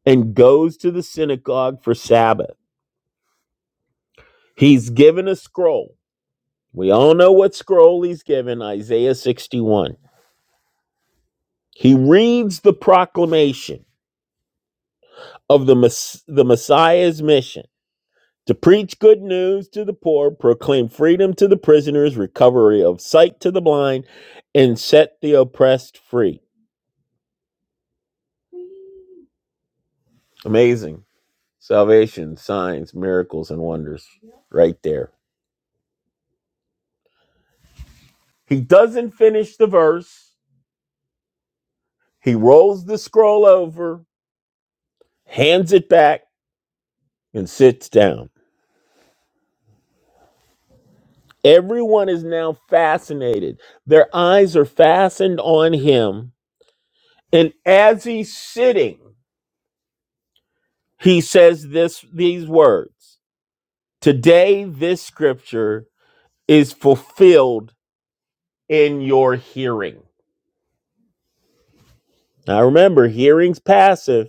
Speaker 2: and goes to the synagogue for Sabbath. He's given a scroll. We all know what scroll he's given Isaiah 61. He reads the proclamation of the, Mess- the Messiah's mission to preach good news to the poor, proclaim freedom to the prisoners, recovery of sight to the blind, and set the oppressed free. Amazing. Salvation, signs, miracles, and wonders right there. He doesn't finish the verse. He rolls the scroll over, hands it back, and sits down. Everyone is now fascinated. Their eyes are fastened on him. And as he's sitting, he says this these words. Today, this scripture is fulfilled in your hearing. Now, remember, hearing's passive,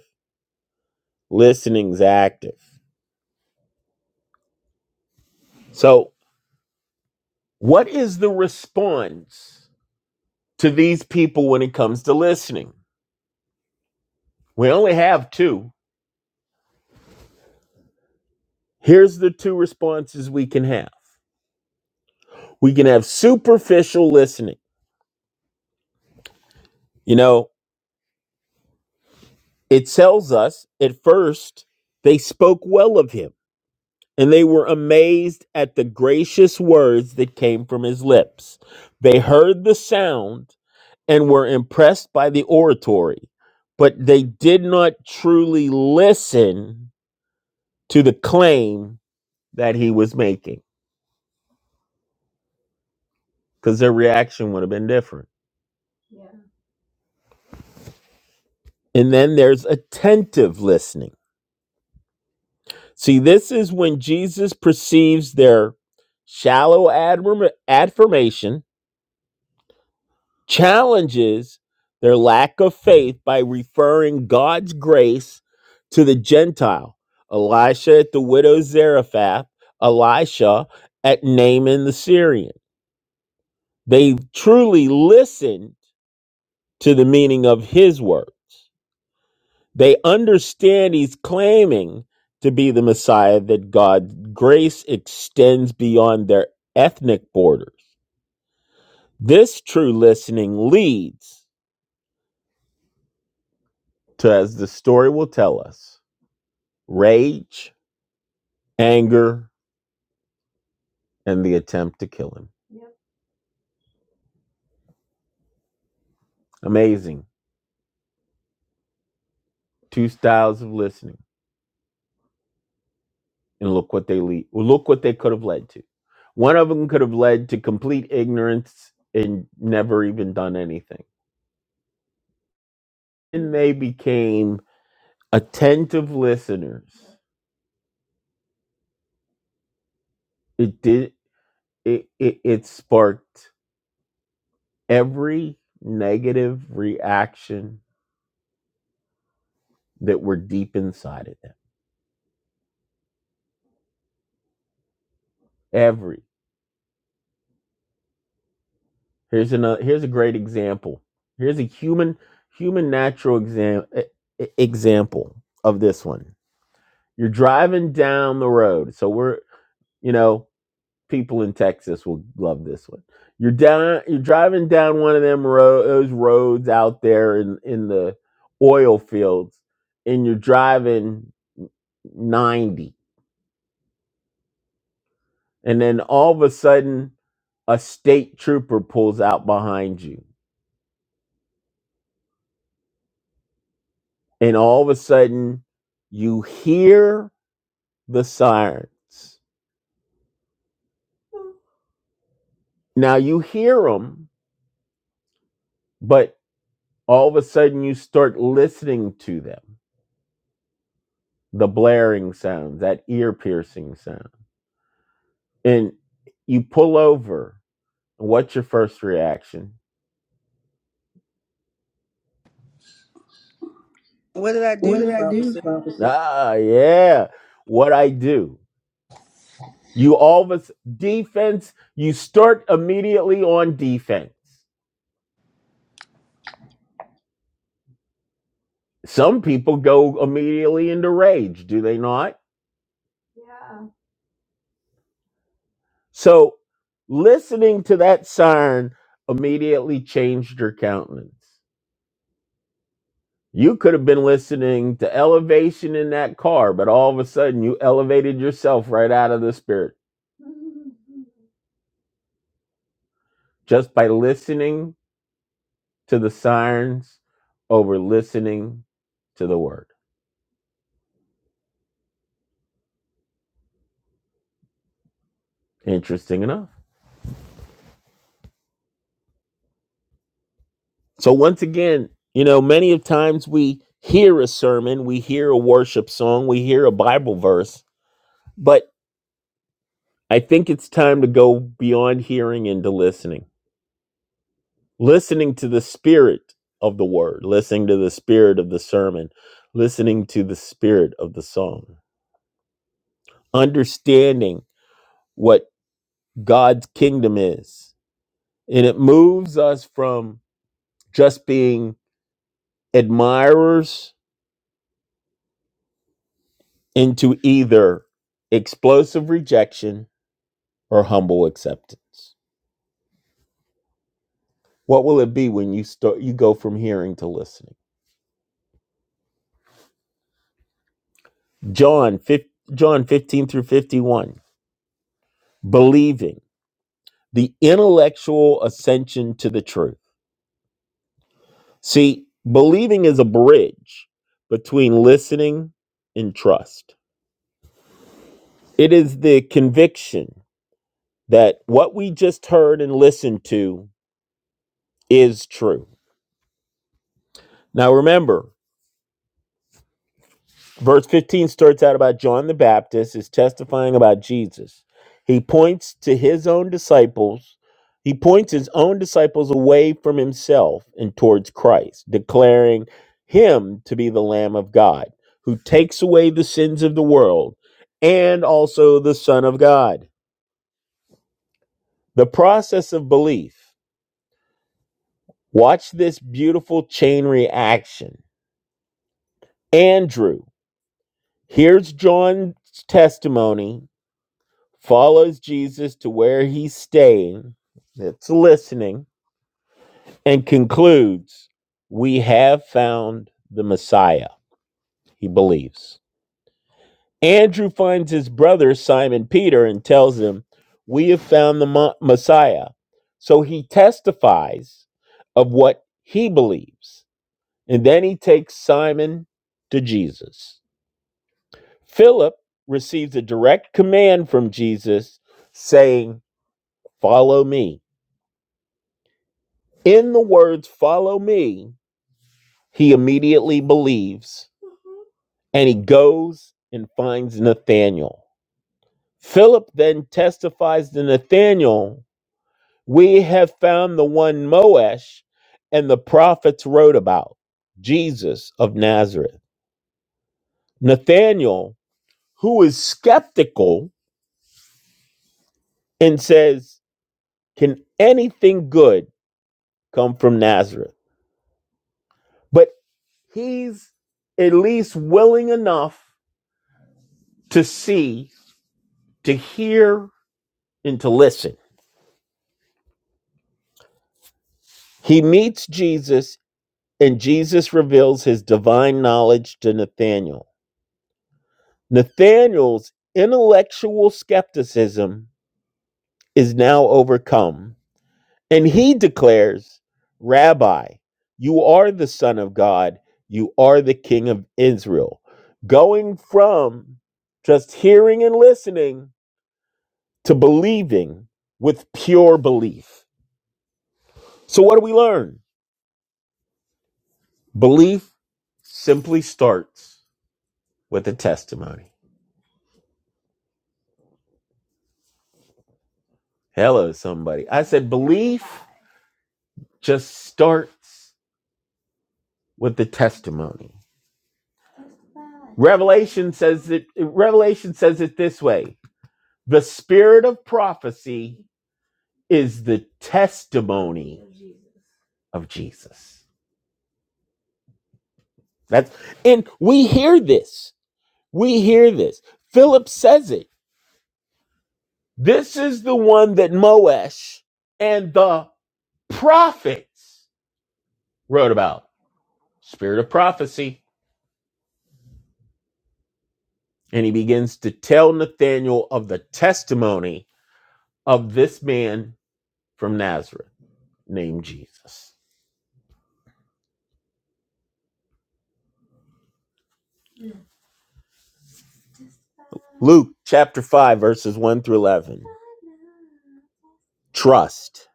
Speaker 2: listening's active. So, what is the response to these people when it comes to listening? We only have two. Here's the two responses we can have we can have superficial listening. You know, it tells us at first they spoke well of him and they were amazed at the gracious words that came from his lips. They heard the sound and were impressed by the oratory, but they did not truly listen to the claim that he was making because their reaction would have been different. And then there's attentive listening. See, this is when Jesus perceives their shallow admir- affirmation challenges their lack of faith by referring God's grace to the Gentile. Elisha at the widow Zarephath, Elisha at Naaman the Syrian. They truly listened to the meaning of his word. They understand he's claiming to be the Messiah that God's grace extends beyond their ethnic borders. This true listening leads to, as the story will tell us, rage, anger, and the attempt to kill him. Amazing. Two styles of listening. And look what they lead well, look what they could have led to. One of them could have led to complete ignorance and never even done anything. And they became attentive listeners. It did it it, it sparked every negative reaction that were deep inside of them. Every Here's another. Here's a great example. Here's a human human natural exam e- e- example of this one. You're driving down the road. So we're you know people in Texas will love this one. You're down. You're driving down one of them road those roads out there in in the oil fields, and you're driving ninety, and then all of a sudden a state trooper pulls out behind you and all of a sudden you hear the sirens. Now you hear them, but all of a sudden you start listening to them, the blaring sounds, that ear piercing sound. And you pull over. What's your first reaction?
Speaker 1: what did I do, officer?
Speaker 2: Ah, yeah, what I do. You always defense, you start immediately on defense. Some people go immediately into rage, do they not? So listening to that siren immediately changed her countenance. You could have been listening to elevation in that car, but all of a sudden you elevated yourself right out of the spirit just by listening to the sirens over listening to the word. Interesting enough. So once again, you know, many of times we hear a sermon, we hear a worship song, we hear a Bible verse, but. I think it's time to go beyond hearing into listening. Listening to the spirit of the word, listening to the spirit of the sermon, listening to the spirit of the song, understanding what God's kingdom is. And it moves us from just being admirers into either explosive rejection or humble acceptance. What will it be when you start you go from hearing to listening? John John 15 through 51, believing the intellectual ascension to the truth. See, believing is a bridge between listening and trust. It is the conviction that what we just heard and listened to is true. Now remember, Verse 15 starts out about John the Baptist is testifying about Jesus. He points to his own disciples. He points his own disciples away from himself and towards Christ, declaring him to be the Lamb of God who takes away the sins of the world and also the Son of God. The process of belief. Watch this beautiful chain reaction. Andrew hears John's testimony follows Jesus to where he's staying, that's listening, and concludes, We have found the Messiah, he believes. Andrew finds his brother Simon Peter and tells him, We have found the Mo- Messiah. So he testifies of what he believes. And then he takes Simon to Jesus. Philip receives a direct command from Jesus saying, Follow me. In the words, follow me, he immediately believes and he goes and finds Nathanael. Philip then testifies to Nathanael, We have found the one Moesh and the prophets wrote about, Jesus of Nazareth. Nathanael, who is skeptical and says, Can anything good come from Nazareth? But he's at least willing enough to see to hear and to listen. He meets Jesus, and Jesus reveals his divine knowledge to Nathanael. Nathanael's intellectual skepticism is now overcome, and he declares, Rabbi, you are the Son of God, you are the King of Israel. Going from just hearing and listening to believing with pure belief. So, what do we learn? Belief. simply starts with a testimony. Hello, somebody. I said belief just starts with the testimony. Revelation says it Revelation says it this way. The spirit of prophecy is the testimony of Jesus. That's and we hear this. We hear this. Philip says it. This is the one that Moesh and the prophets wrote about. Spirit of prophecy and he begins to tell Nathanael of the testimony of this man from Nazareth named Jesus. Luke chapter 5, verses 1 through 11. Trust,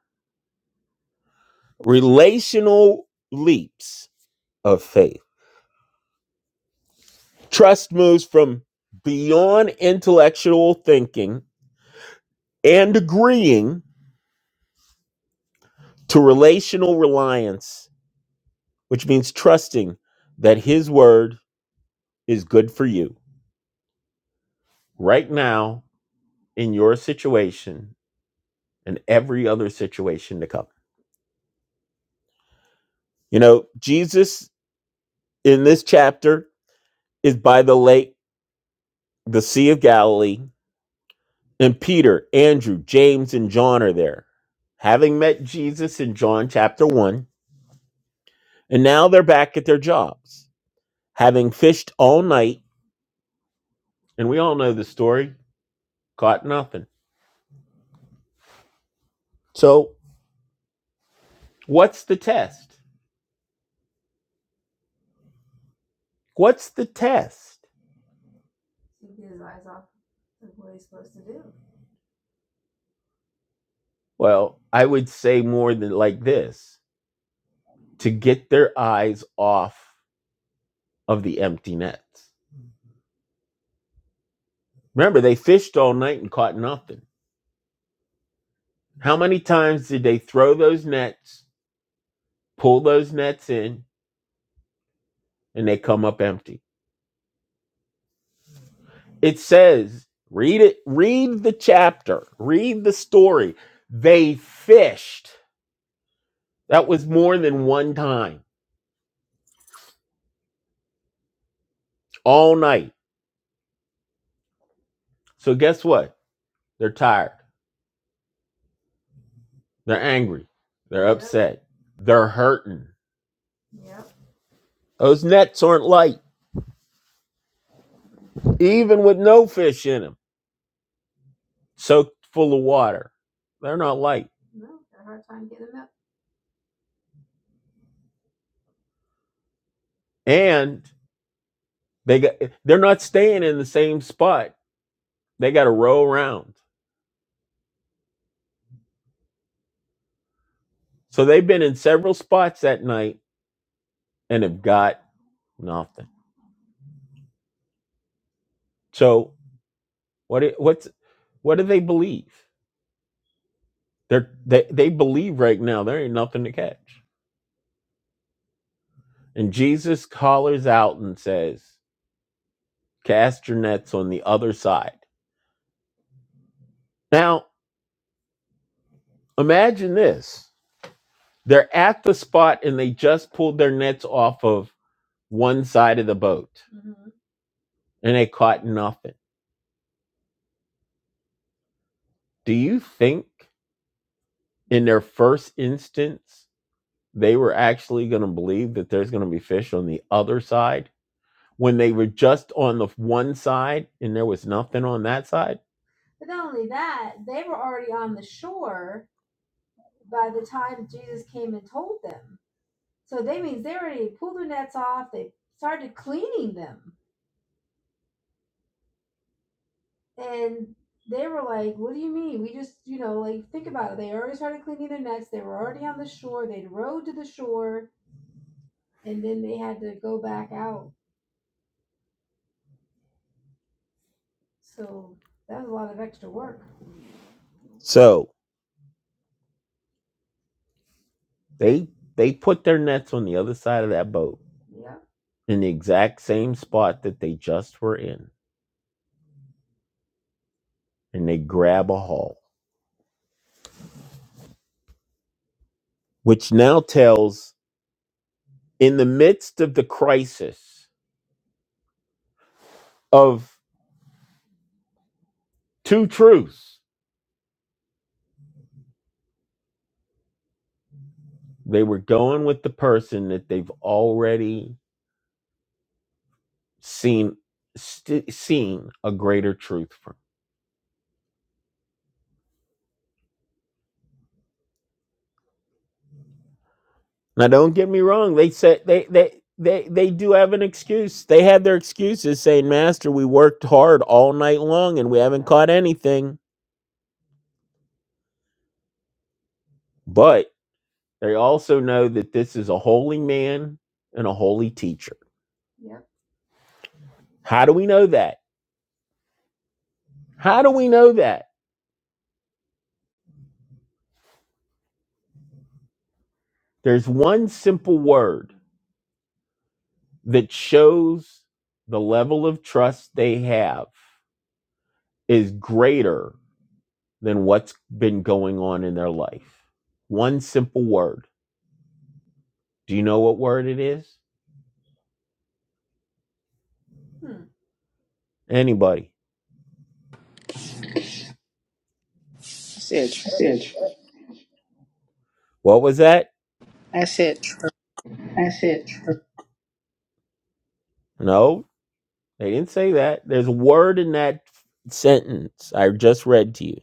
Speaker 2: relational leaps of faith. Trust moves from beyond intellectual thinking and agreeing to relational reliance, which means trusting that his word is good for you right now in your situation and every other situation to come. You know, Jesus in this chapter is by the lake, the Sea of Galilee, and Peter, Andrew, James, and John are there, having met Jesus in John chapter 1, and now they're back at their jobs, having fished all night, and we all know the story, caught nothing. So, what's the test? What's the test? Well, I would say more than like this to get their eyes off of the empty nets. Remember, they fished all night and caught nothing. How many times did they throw those nets, pull those nets in, and they come up empty? It says, read it, read the chapter, read the story. They fished. That was more than one time all night. So guess what? They're tired. They're angry. They're upset. They're hurting. Those nets aren't light, even with no fish in them. soaked full of water. They're not light, and they got they're not staying in the same spot. They got to row around. So they've been in several spots that night and have got nothing. So what it- what's what do they believe? They're, they they believe right now there ain't nothing to catch. And Jesus hollers out and says, "Cast your nets on the other side." Now imagine this: they're at the spot and they just pulled their nets off of one side of the boat and they caught nothing. Do you think in their first instance they were actually going to believe that there's going to be fish on the other side when they were just on the one side and there was nothing on that side? So they they put their nets on the other side of that boat in the exact same spot that they just were in and they grab a haul, which now tells in the midst of the crisis of two truths They were going with the person that they've already seen st- seen a greater truth from. Now, don't get me wrong. They said they they. They, they do have an excuse. They had their excuses saying, Master, we worked hard all night long and we haven't caught anything. But they also know that this is a holy man and a holy teacher. How do we know that? How do we know that? There's one simple word that shows the level of trust they have is greater than what's been going on in their life. One simple word. Do you know what word it is? Anybody?
Speaker 1: I said, tr-
Speaker 2: What was that?
Speaker 1: I said, tr-
Speaker 2: No, they didn't say that. There's a word in that sentence I just read to you.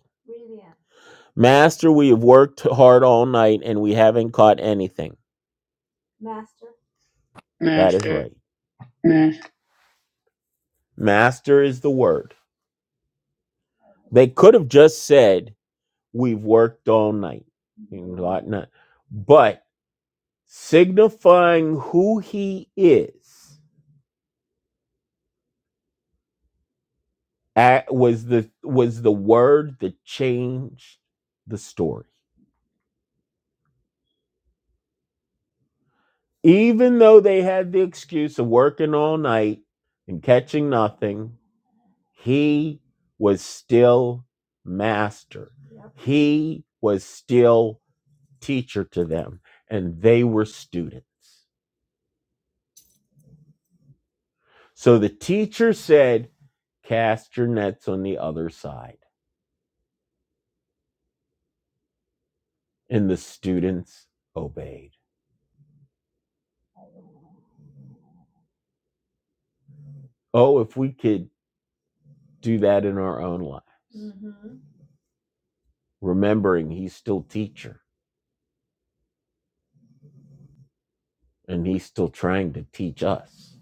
Speaker 2: Master, we have worked hard all night and we haven't caught anything. That is
Speaker 1: master.
Speaker 2: right. Master is the word. They could have just said, We've worked all night. and caught none. signifying who he is at, was the was the word that changed the story even though they had the excuse of working all night and catching nothing he was still master he was still teacher to them and they were students so the teacher said cast your nets on the other side and the students obeyed Oh, if we could do that in our own lives, remembering he's still teacher and he's still trying to teach us.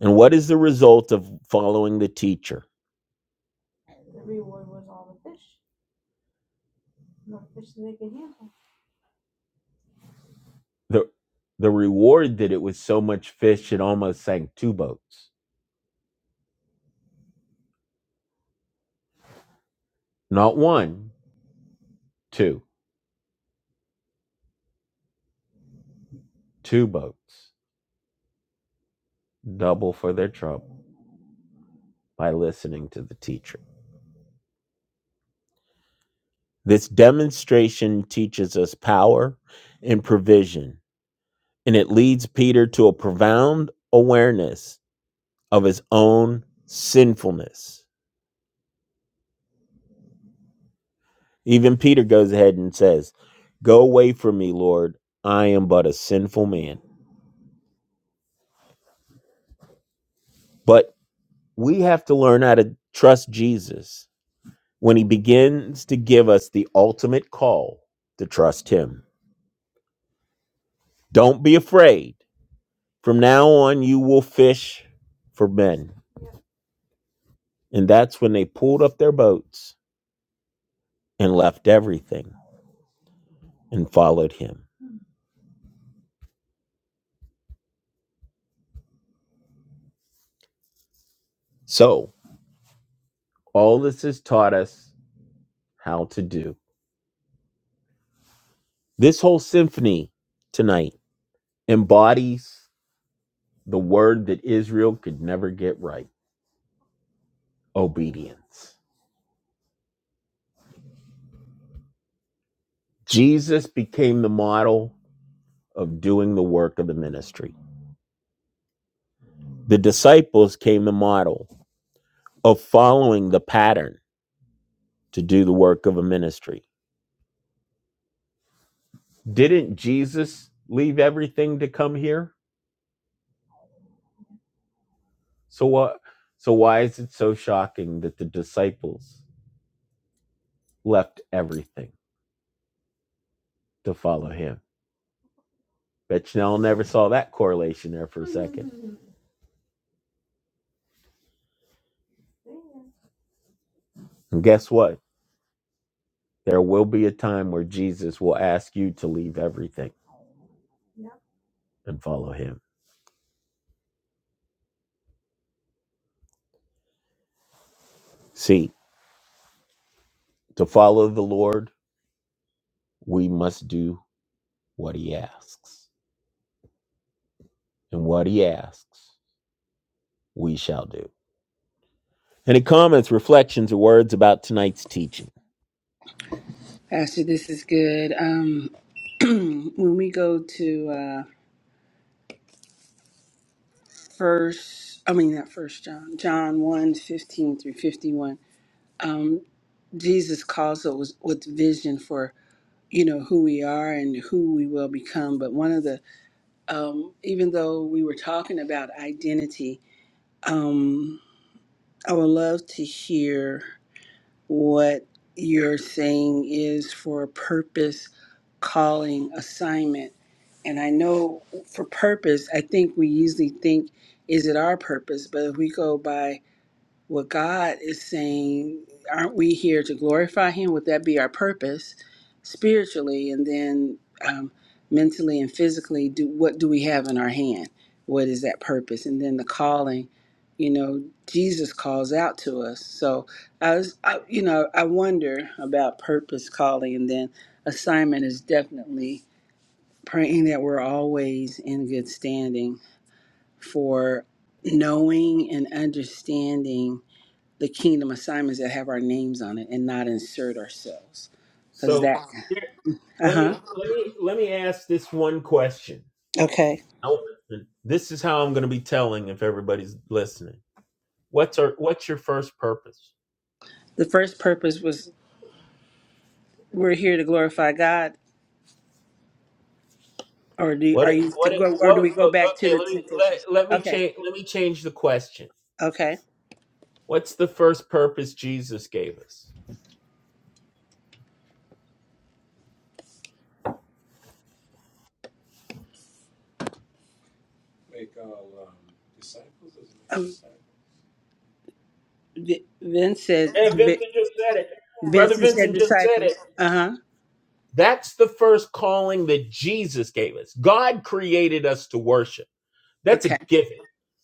Speaker 2: And what is the result of following the teacher? The the reward that it was so much fish it almost sank two boats. Not one, two, two boats. Double for their trouble by listening to the teacher. This demonstration teaches us power and provision and it leads Peter to a profound awareness of his own sinfulness. Even Peter goes ahead and says, Go away from me, Lord. I am but a sinful man. But we have to learn how to trust Jesus when he begins to give us the ultimate call to trust him. Don't be afraid. From now on, you will fish for men. And that's when they pulled up their boats and left everything and followed him. So, All this has taught us how to do. This whole symphony tonight embodies the word that Israel could never get right obedience. Jesus became the model of doing the work of the ministry. The disciples came the model of following the pattern to do the work of a ministry. Didn't Jesus leave everything to come here? So what so why is it so shocking that the disciples left everything? to follow him. Bet y'all never saw that correlation there. For and guess what? There will be a time where Jesus will ask you to leave everything and follow him. See, to follow the Lord, we must do what he asks. And what he asks, we shall do. Any comments, reflections, or words about tonight's teaching?
Speaker 1: Pastor, this is good. Um, when we go to uh, first, I mean not first John, John one 15 through fifty-one. Um, Jesus calls us with vision for you know who we are and who we will become. But one of the, um, even though we were talking about identity, um, I would love to hear. what you're saying is for a purpose calling assignment. And I know for purpose, I think we usually think, is it our purpose? But if we go by what God is saying, aren't we here to glorify Him? Would that be our purpose spiritually and then um, mentally and physically? Do, what do we have in our hand? What is that purpose? And then the calling, you know, Jesus calls out to us. So I was, I, you know, I wonder about purpose, calling, and then assignment is definitely praying that we're always in good standing for knowing and understanding the kingdom assignments that have our names on it and not insert ourselves. Because
Speaker 2: So
Speaker 1: that,
Speaker 2: here,
Speaker 1: uh
Speaker 2: let me
Speaker 1: huh.
Speaker 2: let me let me ask this one question.
Speaker 1: Okay.
Speaker 2: I- This is how I'm going to be telling if everybody's listening. What's our what's your first purpose?
Speaker 1: The first purpose was we're here to glorify God, or do
Speaker 2: What
Speaker 1: are you to
Speaker 2: what
Speaker 1: go, or
Speaker 2: what
Speaker 1: do we go back to
Speaker 2: okay,
Speaker 1: the
Speaker 2: let me let,
Speaker 1: temptations?
Speaker 2: let me
Speaker 1: Okay.
Speaker 2: change let me change the question.
Speaker 1: Okay.
Speaker 2: What's the first purpose Jesus gave us?
Speaker 1: Make all Um, disciples. Does it make Um, disciples? Vi- Vince said,
Speaker 2: Yeah,
Speaker 1: Vi-
Speaker 2: Vincent just said it. Brother
Speaker 1: Vincent said
Speaker 2: Vincent just said it.
Speaker 1: disciples. Uh huh.
Speaker 2: That's the first calling that Jesus gave us. God created us to worship. That's
Speaker 1: Okay.
Speaker 2: a given.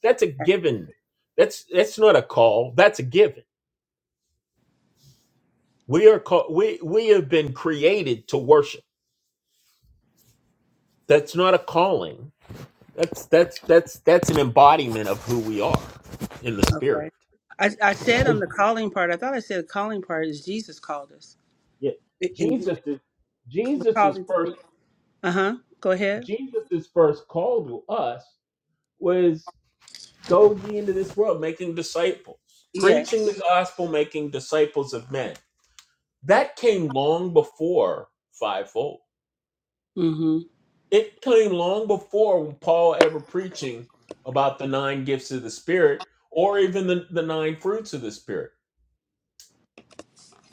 Speaker 2: That's a given. That's that's not a call. That's a given. We are call, we we have been created to worship. That's not a calling. That's that's that's that's an embodiment of who we are in the
Speaker 1: Okay.
Speaker 2: spirit.
Speaker 1: I, I said on
Speaker 2: But
Speaker 1: the calling part, I thought I said the calling part is Jesus called us.
Speaker 2: yeah,
Speaker 1: And
Speaker 2: Jesus is
Speaker 1: the
Speaker 2: Jesus's
Speaker 1: calling to
Speaker 2: first
Speaker 1: be. Uh huh. Go ahead.
Speaker 2: Jesus's first call to us was go ye into this world making disciples, preaching the
Speaker 1: Yes.
Speaker 2: gospel, making disciples of men. That came long before fivefold.
Speaker 1: Mm-hmm.
Speaker 2: It came long before Paul ever preaching about the nine gifts of the Spirit or even the, the nine fruits of the Spirit.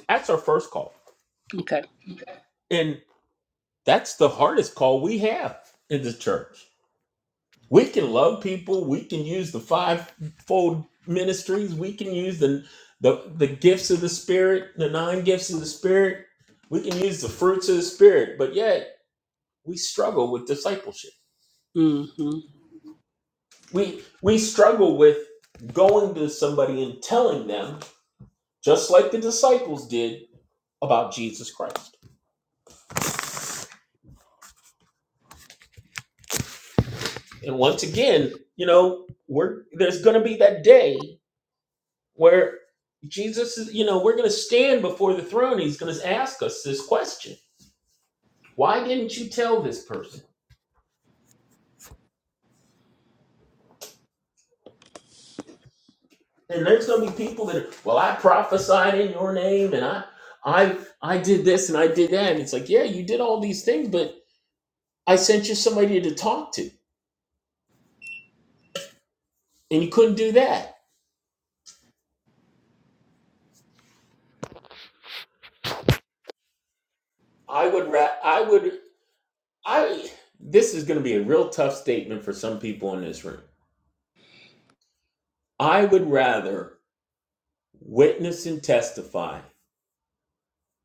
Speaker 2: That's our first call.
Speaker 1: Okay.
Speaker 2: And that's the hardest call we have in the church We can love people. We can use the fivefold ministries. We can use the the, the gifts of the spirit, the nine gifts of the spirit. We can use the fruits of the spirit, but yet we struggle with discipleship.
Speaker 1: Mm-hmm.
Speaker 2: We we struggle with going to somebody and telling them, just like the disciples did, about Jesus Christ. And once again, you know, we're there's going to be that day where Jesus is, you know, we're going to stand before the throne. He's going to ask us this question Why didn't you tell this person? And there's going to be people that are, well, I prophesied in your name and I. I I did this and I did that and it's like yeah you did all these things but I sent you somebody to talk to and you couldn't do that. I would ra- I would I this is going to be a real tough statement for some people in this room. I would rather witness and testify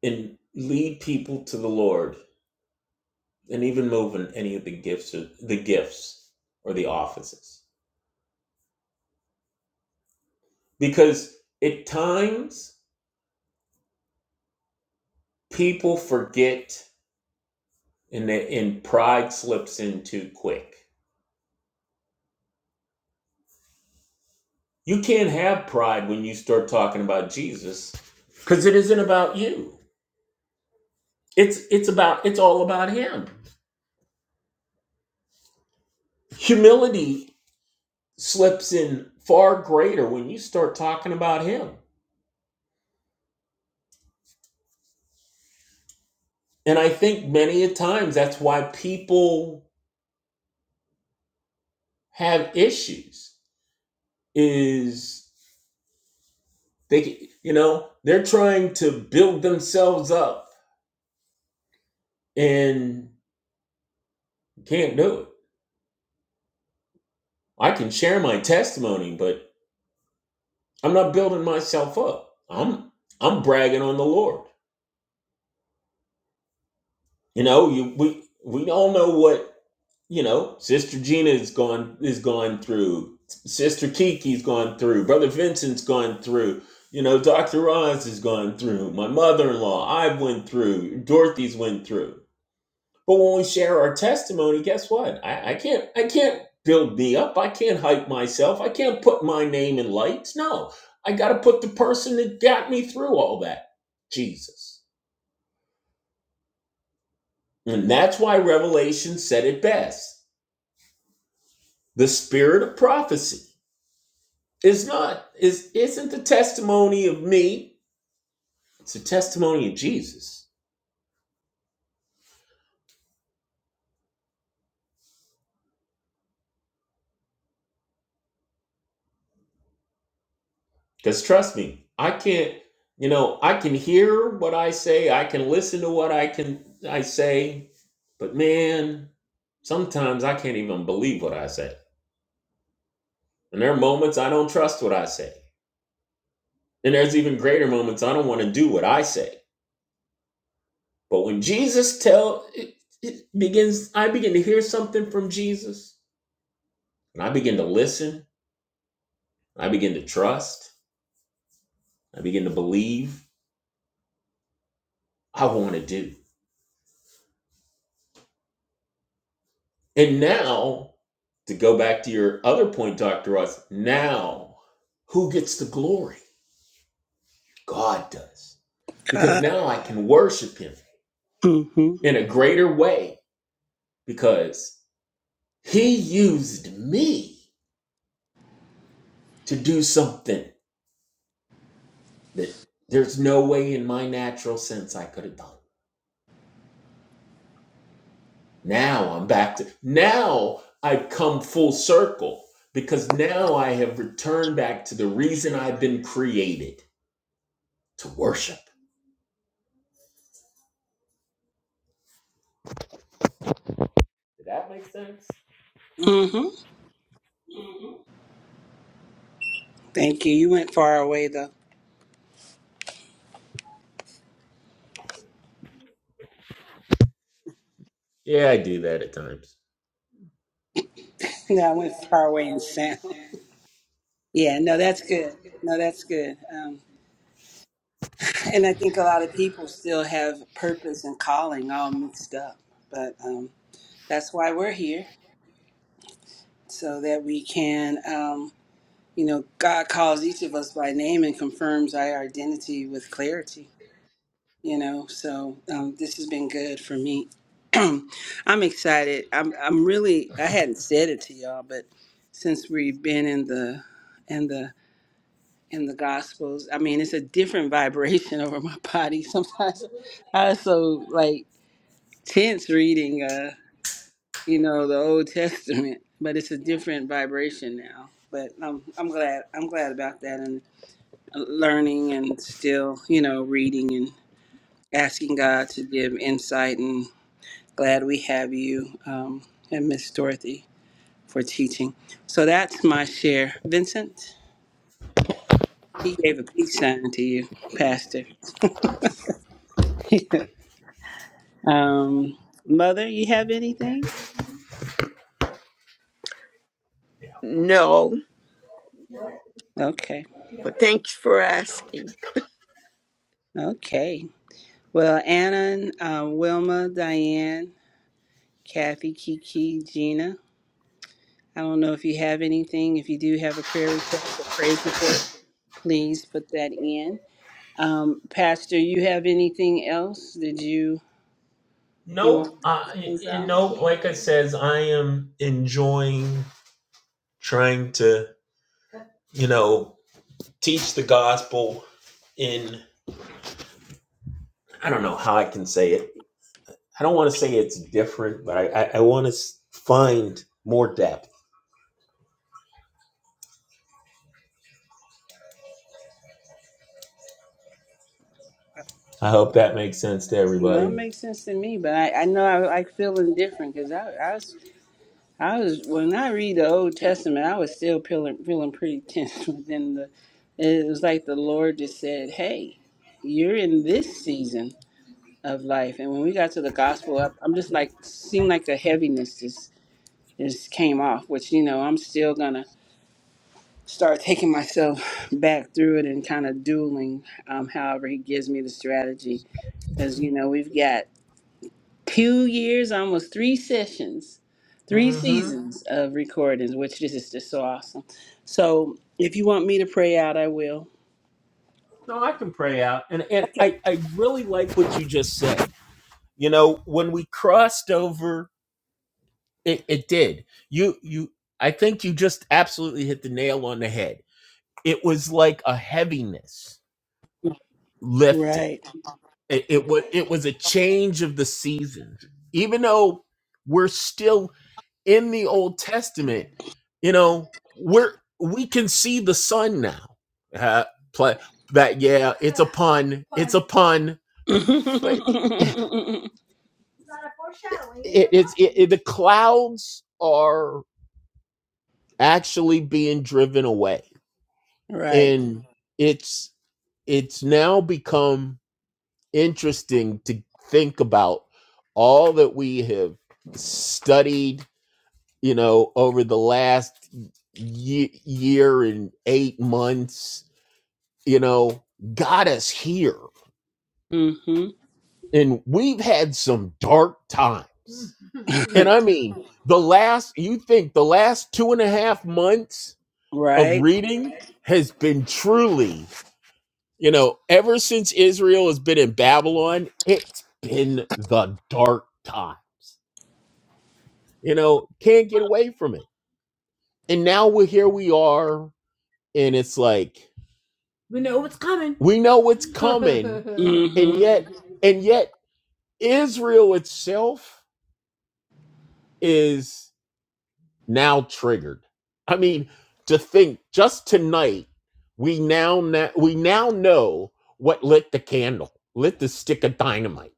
Speaker 2: and lead people to the Lord and even move in any of the gifts or the gifts or the offices. Because at times people forget and they, and pride slips in too quick. You can't have pride when you start talking about Jesus because it isn't about you. It's it's about it's all about him. Humility slips in far greater when you start talking about him. And I think many a times that's why people have issues is they you know they're trying to build themselves up and can't do it i can share my testimony but i'm not building myself up i'm i'm bragging on the lord you know you we we all know what you know sister gina is gone is gone through sister kiki's gone through brother vincent's gone through you know dr oz has gone through my mother-in-law i went through dorothy's went through But when we share our testimony, guess what? I, I can't I can't build me up. I can't hype myself. I can't put my name in lights. No. I gotta put the person that got me through all that. Jesus. And that's why Revelation said it best. The spirit of prophecy is not is isn't the testimony of me. It's the testimony of Jesus. Because trust me, I can't, you know, I can hear what I say, I can listen to what I can I say, but man, sometimes I can't even believe what I say. And there are moments I don't trust what I say. And there's even greater moments I don't want to do what I say. But when Jesus tell it, it begins I begin to hear something from Jesus, and I begin to listen, I begin to trust, I begin to believe, I want to do. And now, to go back to your other point, Dr. Ross, now who gets the glory? God does. Because
Speaker 1: God.
Speaker 2: now I can worship him
Speaker 1: Mm-hmm.
Speaker 2: in a greater way because he used me to do something that there's no way in my natural sense I could have done. Now I'm back to, now I've come full circle because now I have returned back to the reason I've been created to worship. Did that make sense?
Speaker 1: Mm-hmm. Thank you. You went far away though.
Speaker 2: Yeah, I do that at times.
Speaker 1: No, I went far away in sound. Yeah, no, that's good. No, that's good. Um, and I think a lot of people still have purpose and calling all mixed up. But um, that's why we're here, so that we can, um, you know, God calls each of us by name and confirms our identity with clarity. you know so um, this has been good for me i'm excited i'm i'm really i hadn't said it to y'all but since we've been in the in the in the gospels i mean it's a different vibration over my body sometimes i also like tense reading uh you know the old testament but it's a different vibration now but i'm i'm glad i'm glad about that and learning and still you know reading and asking god to give insight and glad we have you um, and Miss Dorothy for teaching. So that's my share. Vincent, he gave a peace sign to you, Pastor. um, Mother, you have anything?
Speaker 3: no
Speaker 1: Okay.
Speaker 3: but thanks for asking
Speaker 1: Okay. Well, Anna, uh, Wilma, Diane, Kathy, Kiki, Gina, I don't know if you have anything. If you do have a prayer request or praise report, please put that in. Um, Pastor, you have anything else? Did you you want?
Speaker 2: No, uh, y- y- no. Like I says, I am trying to, you know, teach the gospel in. I don't know how I can say it. I don't want to say it's different, but I, I, I want to find more depth. I hope that makes sense to
Speaker 1: No, it
Speaker 2: everybody.
Speaker 1: makes sense to me, but I, I know I like feeling different because I, I was I was when I read the Old Testament, I was still feeling feeling pretty tense. But the it was like the Lord just said, "Hey, you're in this season of life." And when we got to the gospel, I, I'm just like seemed like the heaviness just just came off. Which you know, I'm still gonna start taking myself back through it and kind of dueling, um, however He gives me the strategy. Because you know, we've got two years, almost three sessions, three Mhm.
Speaker 2: Mm-hmm.
Speaker 1: seasons of recordings, which this is just so awesome. So if you want me to pray out, I will.
Speaker 2: No, I can pray out, and and I I really like what you just said. You know, when we crossed over, it, it did. You you. I think you just absolutely hit the nail on the head it was like a heaviness lifted.
Speaker 1: Right.
Speaker 2: It, it was it was a change of the seasons. Even though we're still in the Old Testament, you know, we're we can see the sun now. Uh, play that yeah upon upon, but it, it- the clouds are actually being driven away,
Speaker 1: Right.
Speaker 2: and it's it's now become interesting to think about all that we have studied, you know, over the last ye- year and eight months, you know, got us here.
Speaker 1: mm-hmm.
Speaker 2: And we've had some dark times. And I mean, the last, you think the last two and a half months of
Speaker 1: Right.
Speaker 2: reading has been truly, you know, ever since Israel has been in Babylon, it's been the dark time. you know can't get away from it and now we're here we are and it's like we know what's coming and
Speaker 1: Mm-hmm.
Speaker 2: yet and yet israel itself is now triggered i mean to think just tonight we now na- we now know what lit the candle lit the stick of dynamite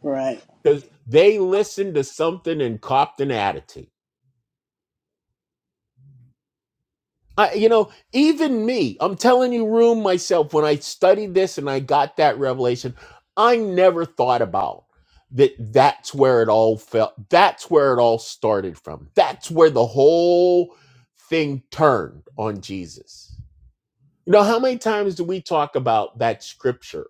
Speaker 1: Right.
Speaker 2: because they listened to something and copped an attitude I, you know, even me, I'm telling you, room myself, when I studied this and I got that revelation, I never thought about that. That's where it all felt. That's where it all started from. That's where the whole thing turned on Jesus. You know, how many times do we talk about that scripture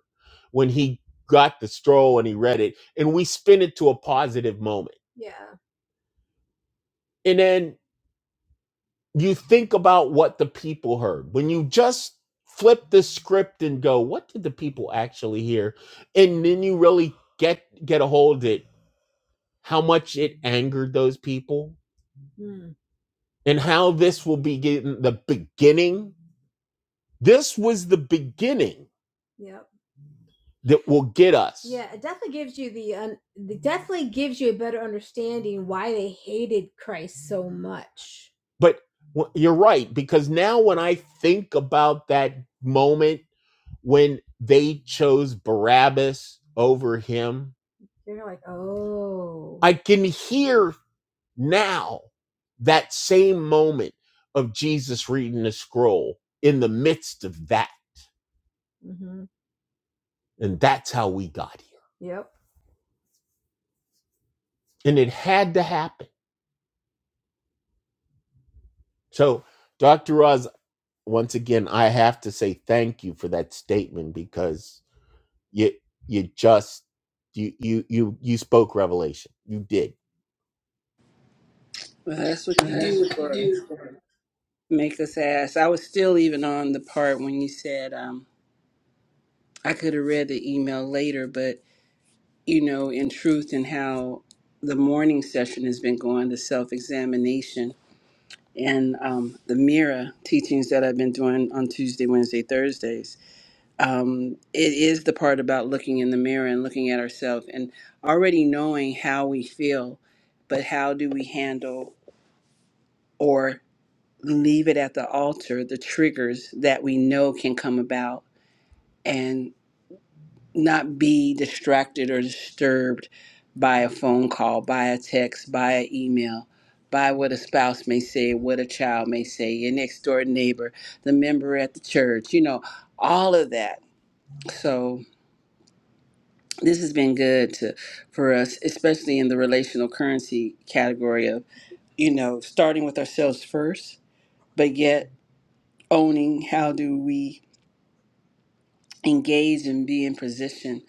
Speaker 2: when he got the scroll and he read it and we spin it to a positive moment? and then. you think about what the people heard when you just flip the script and go what did the people actually hear and then you really get get a hold of it how much it angered those people and how this will be getting the beginning this was the beginning that will get us but you're right because now when i think about that moment when they chose barabbas over him i can hear Now, that same moment of Jesus reading the scroll in the midst of that. And that's how we got here. And it had to happen. So, Dr. Oz, once again, I have to say thank you for that statement because you you just you you you you spoke revelation. You did.
Speaker 1: Well, that's what you do for us. Make us ask. I was still even on the part when you said um, I could have read the email later, but you know, in truth, and how the morning session has been going, the self examination. and um, the Mira teachings that I've been doing on Tuesday, Wednesday, Thursdays. Um, it is the part about looking in the mirror and looking at ourselves and already knowing how we feel, but how do we handle or leave it at the altar the triggers that we know can come about? and. not be distracted or disturbed by a phone call, by a text, by an email, by what a spouse may say, what a child may say, your next door neighbor, the member at the church, you know, all of that. So this has been good to for us, especially in the relational currency category of, you know, starting with ourselves first, but yet owning how do we engage and be in position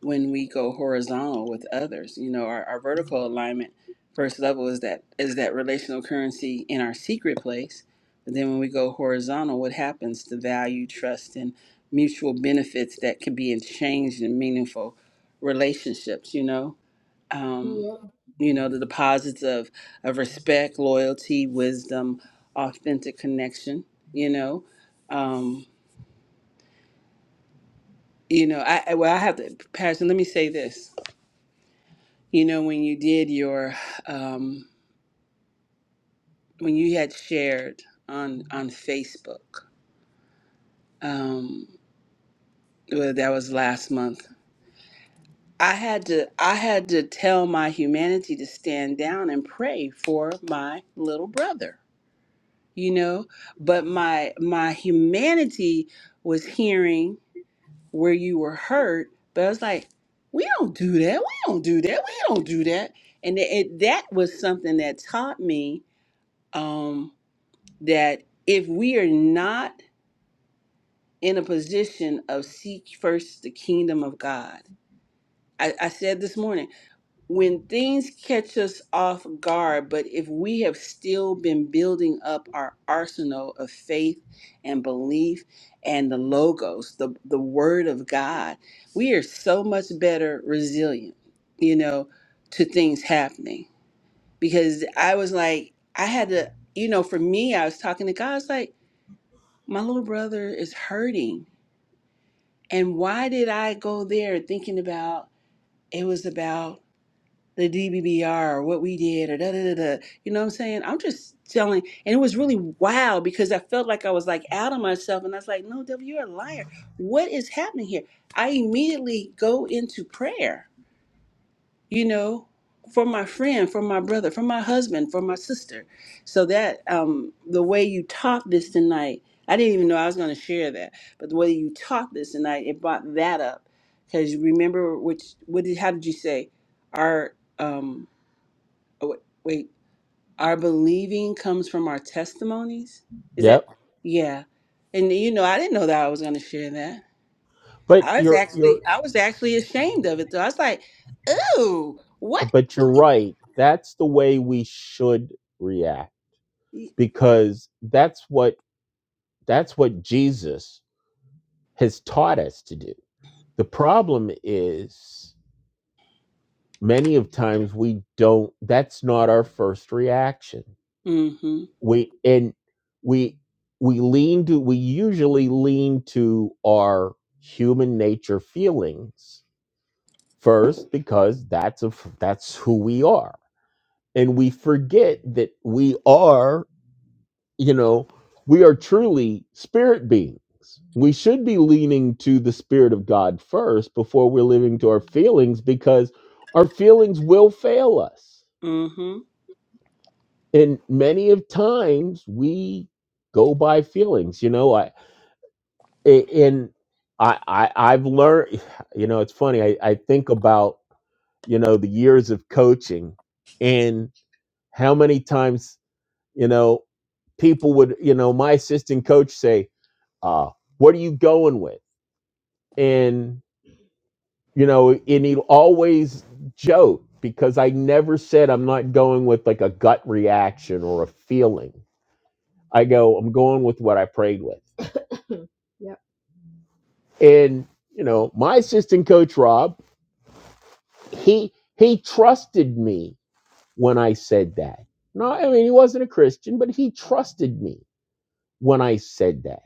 Speaker 1: when we go horizontal with others. You know, our, our vertical alignment first level is that is that relational currency in our secret place. But then when we go horizontal, what happens? The value, trust, and mutual benefits that can be exchanged in meaningful relationships, you know. Um, you know, the deposits of, of respect, loyalty, wisdom, authentic connection, you know. Um, you know, I I- well, I have to, Patterson. Let me say this. You know, when you did your, um, when you had shared on on Facebook, um, well, that was last month. I had to, I had to tell my humanity to stand down and pray for my little brother. You know, but my my humanity was hearing. where you were hurt, but I was like, we don't do that. We don't do that. We don't do that. And it, it- that was something that taught me um, that if we are not in a position of seek first the kingdom of God, I, I said this morning. when things catch us off guard, but if we have still been building up our arsenal of faith and belief and the logos, the, the word of God, we are so much better resilient, you know, to things happening. Because I was like, I had to, you know, for me, I was talking to God, I was like, my little brother is hurting. And why did I go there thinking about it was about the DBBR or what we did or da da da da. You know what I'm saying? I'm just telling, and it was really wild because I felt like I was like out of myself, and I was like, "No, devil, you're a liar. What is happening here?" I immediately go into prayer. You know, for my friend, for my brother, for my husband, for my sister. So that um, the way you taught this tonight, I didn't even know I was going to share that, but the way you taught this tonight, it brought that up. Because remember, which what did how did you say? Our um, oh, wait, wait, our believing comes from our testimonies? Is that,
Speaker 2: Yep.
Speaker 1: yeah. And you know, I didn't know that I was going to share that.
Speaker 2: But
Speaker 1: I was
Speaker 2: you're
Speaker 1: actually,
Speaker 2: you're
Speaker 1: I was actually ashamed of it though. I was like, ooh, what?
Speaker 2: but you're right. That's the way we should react because that's what that's what Jesus has taught us to do. The problem is many of times we don't that's not our first reaction.
Speaker 1: Mm-hmm,
Speaker 2: We and we we lean to we usually lean to our human nature feelings first because that's a that's who we are. And we forget that we are you know, we are truly spirit beings. We should be leaning to the spirit of God first before we're living to our feelings because our feelings will fail us.
Speaker 1: mm-hmm,
Speaker 2: And many of times we go by feelings, you know, I and I, I I've learned, you know, it's funny. I, I think about, you know, the years of coaching and how many times, you know, people would, you know, my assistant coach say, uh, what are you going with and you know and he always joke because i never said i'm not going with like a gut reaction or a feeling i go i'm going with what i prayed with and you know my assistant coach rob he he trusted me when i said that no i mean he wasn't a christian but he trusted me when i said that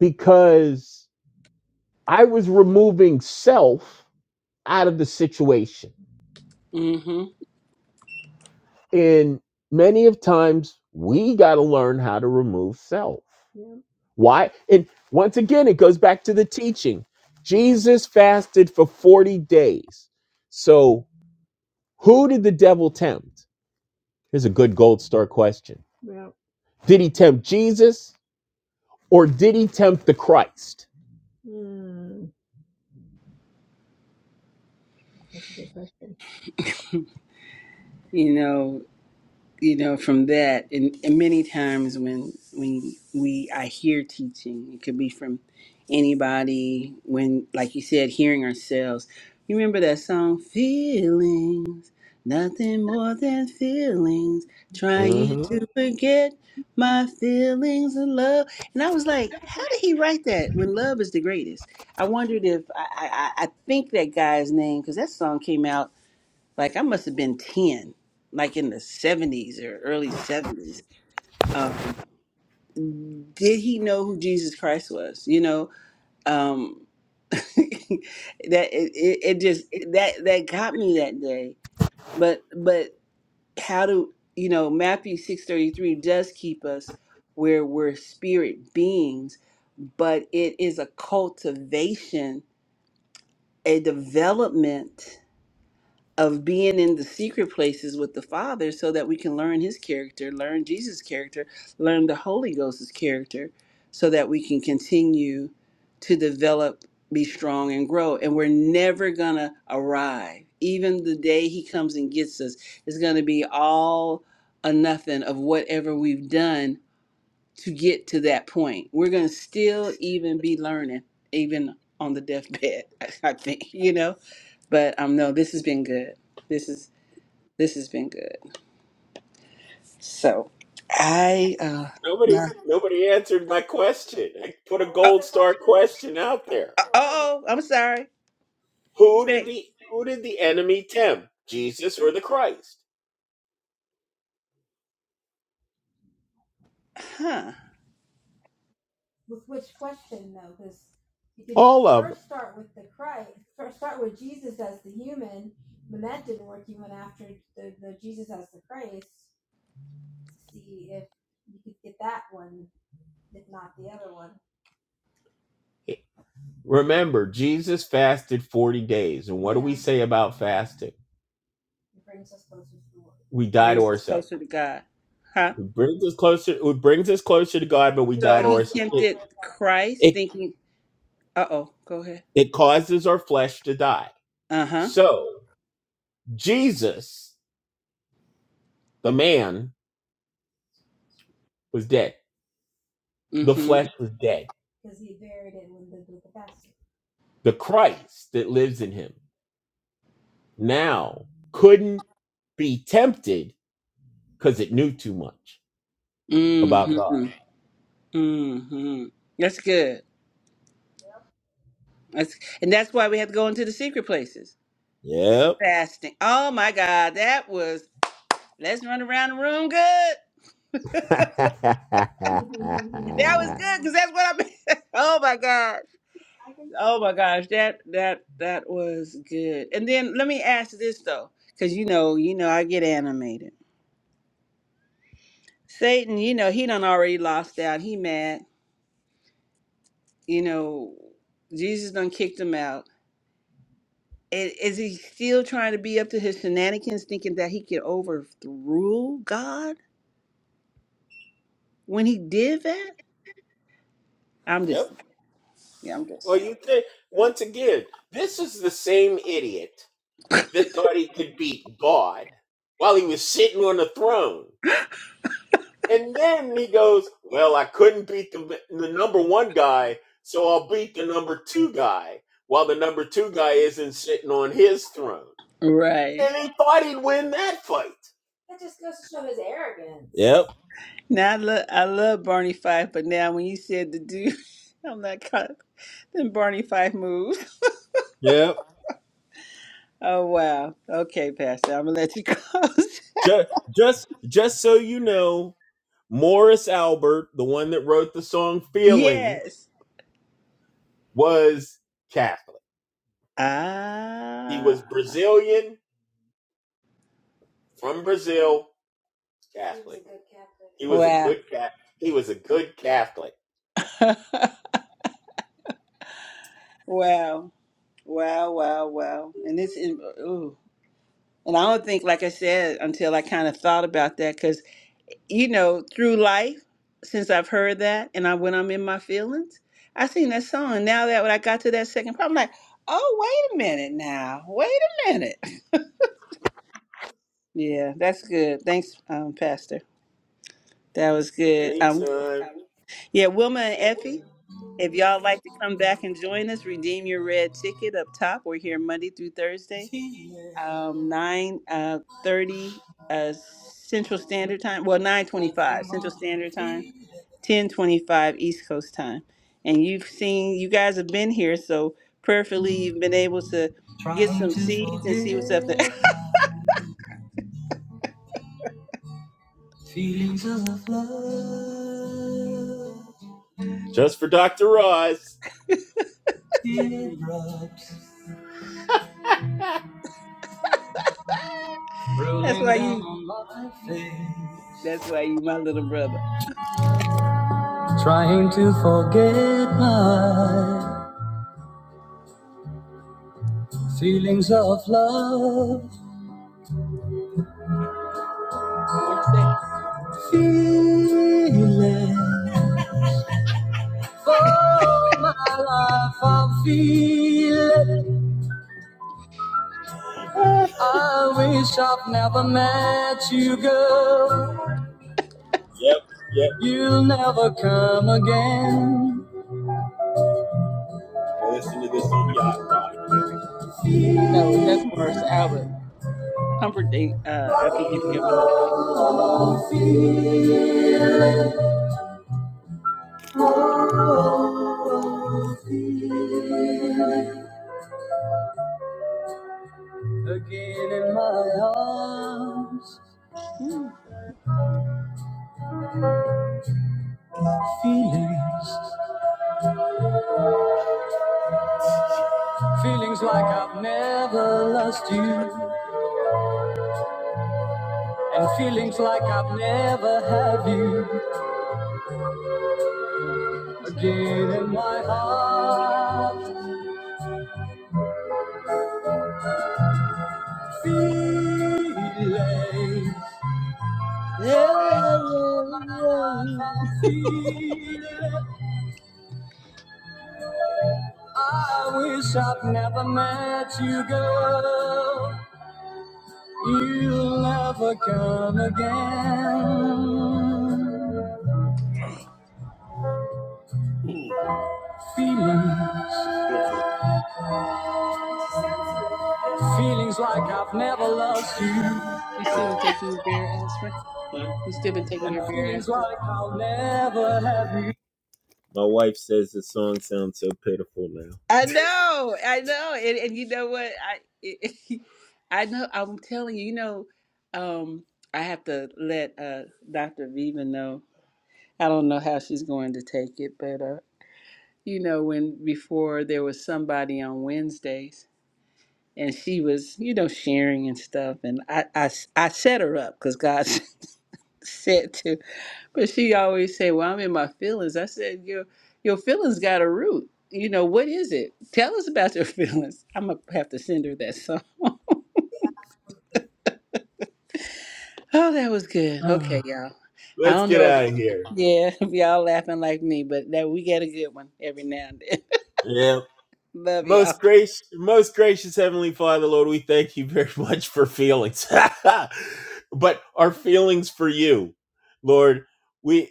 Speaker 2: because i was removing self out of the situation
Speaker 1: mm-hmm.
Speaker 2: And many of times we got to learn how to remove self. Why? And once again, it goes back to the teaching. Jesus fasted for 40 days. So who did the devil tempt? Here's a good gold star question. Did he tempt Jesus or did he tempt the Christ?
Speaker 1: You know, you know from that and, and many times when when we i hear teaching it could be from anybody when like you said hearing ourselves you remember that song feelings nothing more than feelings trying
Speaker 2: hmm
Speaker 1: to forget my feelings of love and i was like how did he write that when love is the greatest i wondered if i i, I I think that guy's name because that song came out like I must have been 10, like in the 70s or early 70s. Um, did he know who Jesus Christ was? You know, um, that it, it, it just that that got me that day. But but how do you know Matthew six thirty three does keep us where we're spirit beings, but it is a cultivation, a development of being in the secret places with the Father so that we can learn his character, learn Jesus' character, learn the Holy Ghost's character so that we can continue to develop, be strong, and grow. And we're never going to arrive. Even the day he comes and gets us is going to be all or nothing of whatever we've done to get to that point. We're going to still even be learning, even on the deathbed, I, think, you know? But um, no, this has been good. This is this has been good. So I uh
Speaker 2: Nobody,
Speaker 1: no.
Speaker 2: nobody answered my question. I put-
Speaker 1: oh, oh oh, I'm sorry.
Speaker 2: who did
Speaker 1: Say
Speaker 2: the who did the enemy tempt? Jesus or the Christ?
Speaker 1: huh
Speaker 2: Remember, Jesus fasted 40 days. And what say about fasting? We die to
Speaker 1: brings us
Speaker 2: ourselves.
Speaker 1: closer to God. Huh?
Speaker 2: It brings us closer, it brings us closer to God, but we
Speaker 1: So he tempted Christ
Speaker 2: it,
Speaker 1: thinking uh oh, go ahead.
Speaker 2: it causes our flesh to die.
Speaker 1: Uh-huh.
Speaker 2: So Jesus, the man, was dead. The
Speaker 1: Mm-hmm.
Speaker 2: flesh was dead. The Christ that lives in him now couldn't be tempted because it knew too much about God.
Speaker 1: Mm-hmm. Mm-hmm. That's good. That's, and that's why we had to go into the secret places. The
Speaker 2: Yep.
Speaker 1: fasting. Oh my God, that was let's run around the room good. That was good because that's what I mean. oh my God. Oh my gosh. That that that was good. And then let me ask this though, because you know, you know, I get animated. Satan, you know, he done already lost out. He mad. You know, Jesus done kicked him out. I- Is he still trying to be up to his shenanigans, thinking that he can overrule God? when he did that. I'm
Speaker 2: yep.
Speaker 1: just yeah, I'm just
Speaker 2: Well,
Speaker 1: saying.
Speaker 2: you think once again, this is the same idiot that thought he could beat God while he was sitting on the throne, and then he goes, "Well, I couldn't beat the the number one guy, so I'll beat the number two guy while the number two guy isn't sitting on his throne."
Speaker 1: Right.
Speaker 2: And he thought he'd win that fight. Yep,
Speaker 1: Now I love I love Barney Fife, but now when you said the dude I'm not caught then Barney Fife moved.
Speaker 2: yep.
Speaker 1: Oh wow. Okay, Pastor, I'm gonna let you close.
Speaker 2: Just, just, just so you know, Morris Albert, the one that wrote the song "Feeling,"
Speaker 1: yes.
Speaker 2: was Catholic. He
Speaker 1: Ah
Speaker 2: was Brazilian from Brazil. He was a
Speaker 1: wow.
Speaker 2: good cat. He was a good Catholic.
Speaker 1: wow. Wow, wow, wow. And it's in ooh. And I don't think, like I said, until I kind of thought about that, you know, through life, since I've heard that and I when I'm in my feelings, I seen that song. now that when I got to that second part, I'm like, oh, wait a minute now. Wait a minute. Yeah, that's good. Thanks, um, Pastor. That was good. Um,
Speaker 2: Anytime.
Speaker 1: yeah, Wilma and Effie, if y'all like to come back and join us, redeem your red ticket up top. We're here Monday through Thursday, um, 9 uh, 30 uh, Central Standard Time. Well, 9 25 Central Standard Time 1025 East Coast time. And you've seen, you guys have been here, so prayerfully you've been able to get
Speaker 2: Trying
Speaker 1: some
Speaker 2: to
Speaker 1: seeds and see what's up there.
Speaker 2: forget my feelings of love. Just for Dr. Roz. Teardrops
Speaker 1: that's
Speaker 2: rolling
Speaker 1: why
Speaker 2: down
Speaker 1: you,
Speaker 2: on my face.
Speaker 1: that's why you, my little brother.
Speaker 2: Trying to forget my feelings of love. Feeling. For my life, I'm feeling. I wish I've never met you, girl. Yep, yep. You'll never come again. Listen to this on yacht rock.
Speaker 1: No, that's Morris Albert. Humperdinck, uh, I think you've given
Speaker 2: Oh,
Speaker 1: up.
Speaker 2: oh, feel it, Oh, oh, feel it Again in my arms, feelings. Feelings like I've never lost you, and feelings like I've never had you again in my heart. Feelings for my life, I'm feeling. I wish I'd never met you, girl. You'll never come again. Feelings, feelings like I've never loved you,
Speaker 1: You still been taking your beer aspirin? You still been taking
Speaker 2: and
Speaker 1: your beer
Speaker 2: feelings
Speaker 1: aspirin?
Speaker 2: like I'll never have you.
Speaker 1: I know, I know. And, and you know what? I, I know, I'm telling you, you know, um, I have to let uh, Dr. Viva know I don't know how she's going to take it, but uh, you know, when before there was somebody on Wednesdays and she was, you know, sharing and stuff, and I, I, I set her up because God said to, but she always said, "Well, I'm in my feelings." I said, "Your your feelings got a root." You know what is it? Tell us about your feelings. I'm gonna have to send her that song. Oh, that was good. Okay, y'all. I
Speaker 2: Let's
Speaker 1: don't
Speaker 2: get
Speaker 1: know if
Speaker 2: out of here.
Speaker 1: yeah, if y'all laughing like me, but that we get a good one every now and then.
Speaker 2: Yep.
Speaker 1: Love y'all.
Speaker 2: Most gracious, most gracious Heavenly Father, Lord, we thank you very much for feelings, but our feelings for you, Lord. we.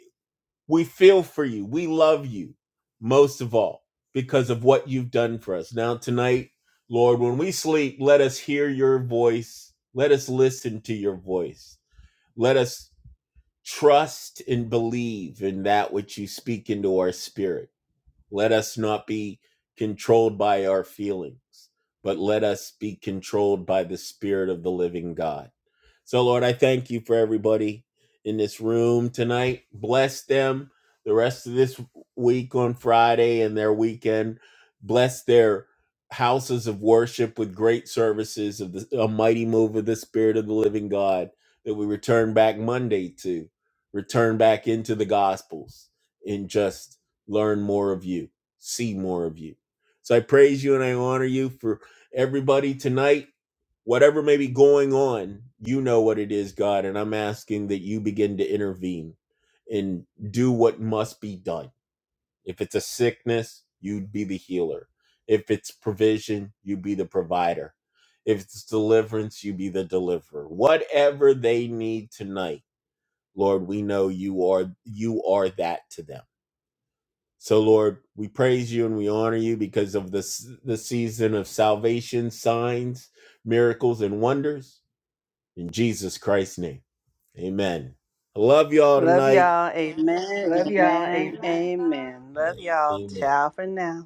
Speaker 2: We feel for you. We love you most of all because of what you've done for us. Now, tonight, Lord, when we sleep, let us hear your voice. Let us listen to your voice. Let us trust and believe in that which you speak into our spirit. Let us not be controlled by our feelings, but let us be controlled by the Spirit of the living God. So, Lord, I thank you for everybody in this room tonight. Bless them the rest of this week on Friday and their weekend. Bless their houses of worship with great services of the, a mighty move of the Spirit of the living God that we return back Monday to, return back into the Gospels in just learn more of you, see more of you. So I praise you and I honor you for everybody tonight. Whatever may be going on, you know what it is, God. And I'm asking that you begin to intervene and do what must be done. If it's a sickness, you'd be the healer. If it's provision, you be the provider. If it's deliverance, you be the deliverer. Whatever they need tonight, Lord, we know you are you are that to them. So, Lord, we praise you and we honor you because of this the season of salvation, signs, miracles, and wonders. In Jesus Christ's name, amen. I love y'all
Speaker 1: Love
Speaker 2: tonight.
Speaker 1: y'all. Amen. Amen. Amen. Love y'all.
Speaker 2: Amen.
Speaker 1: Ciao for now.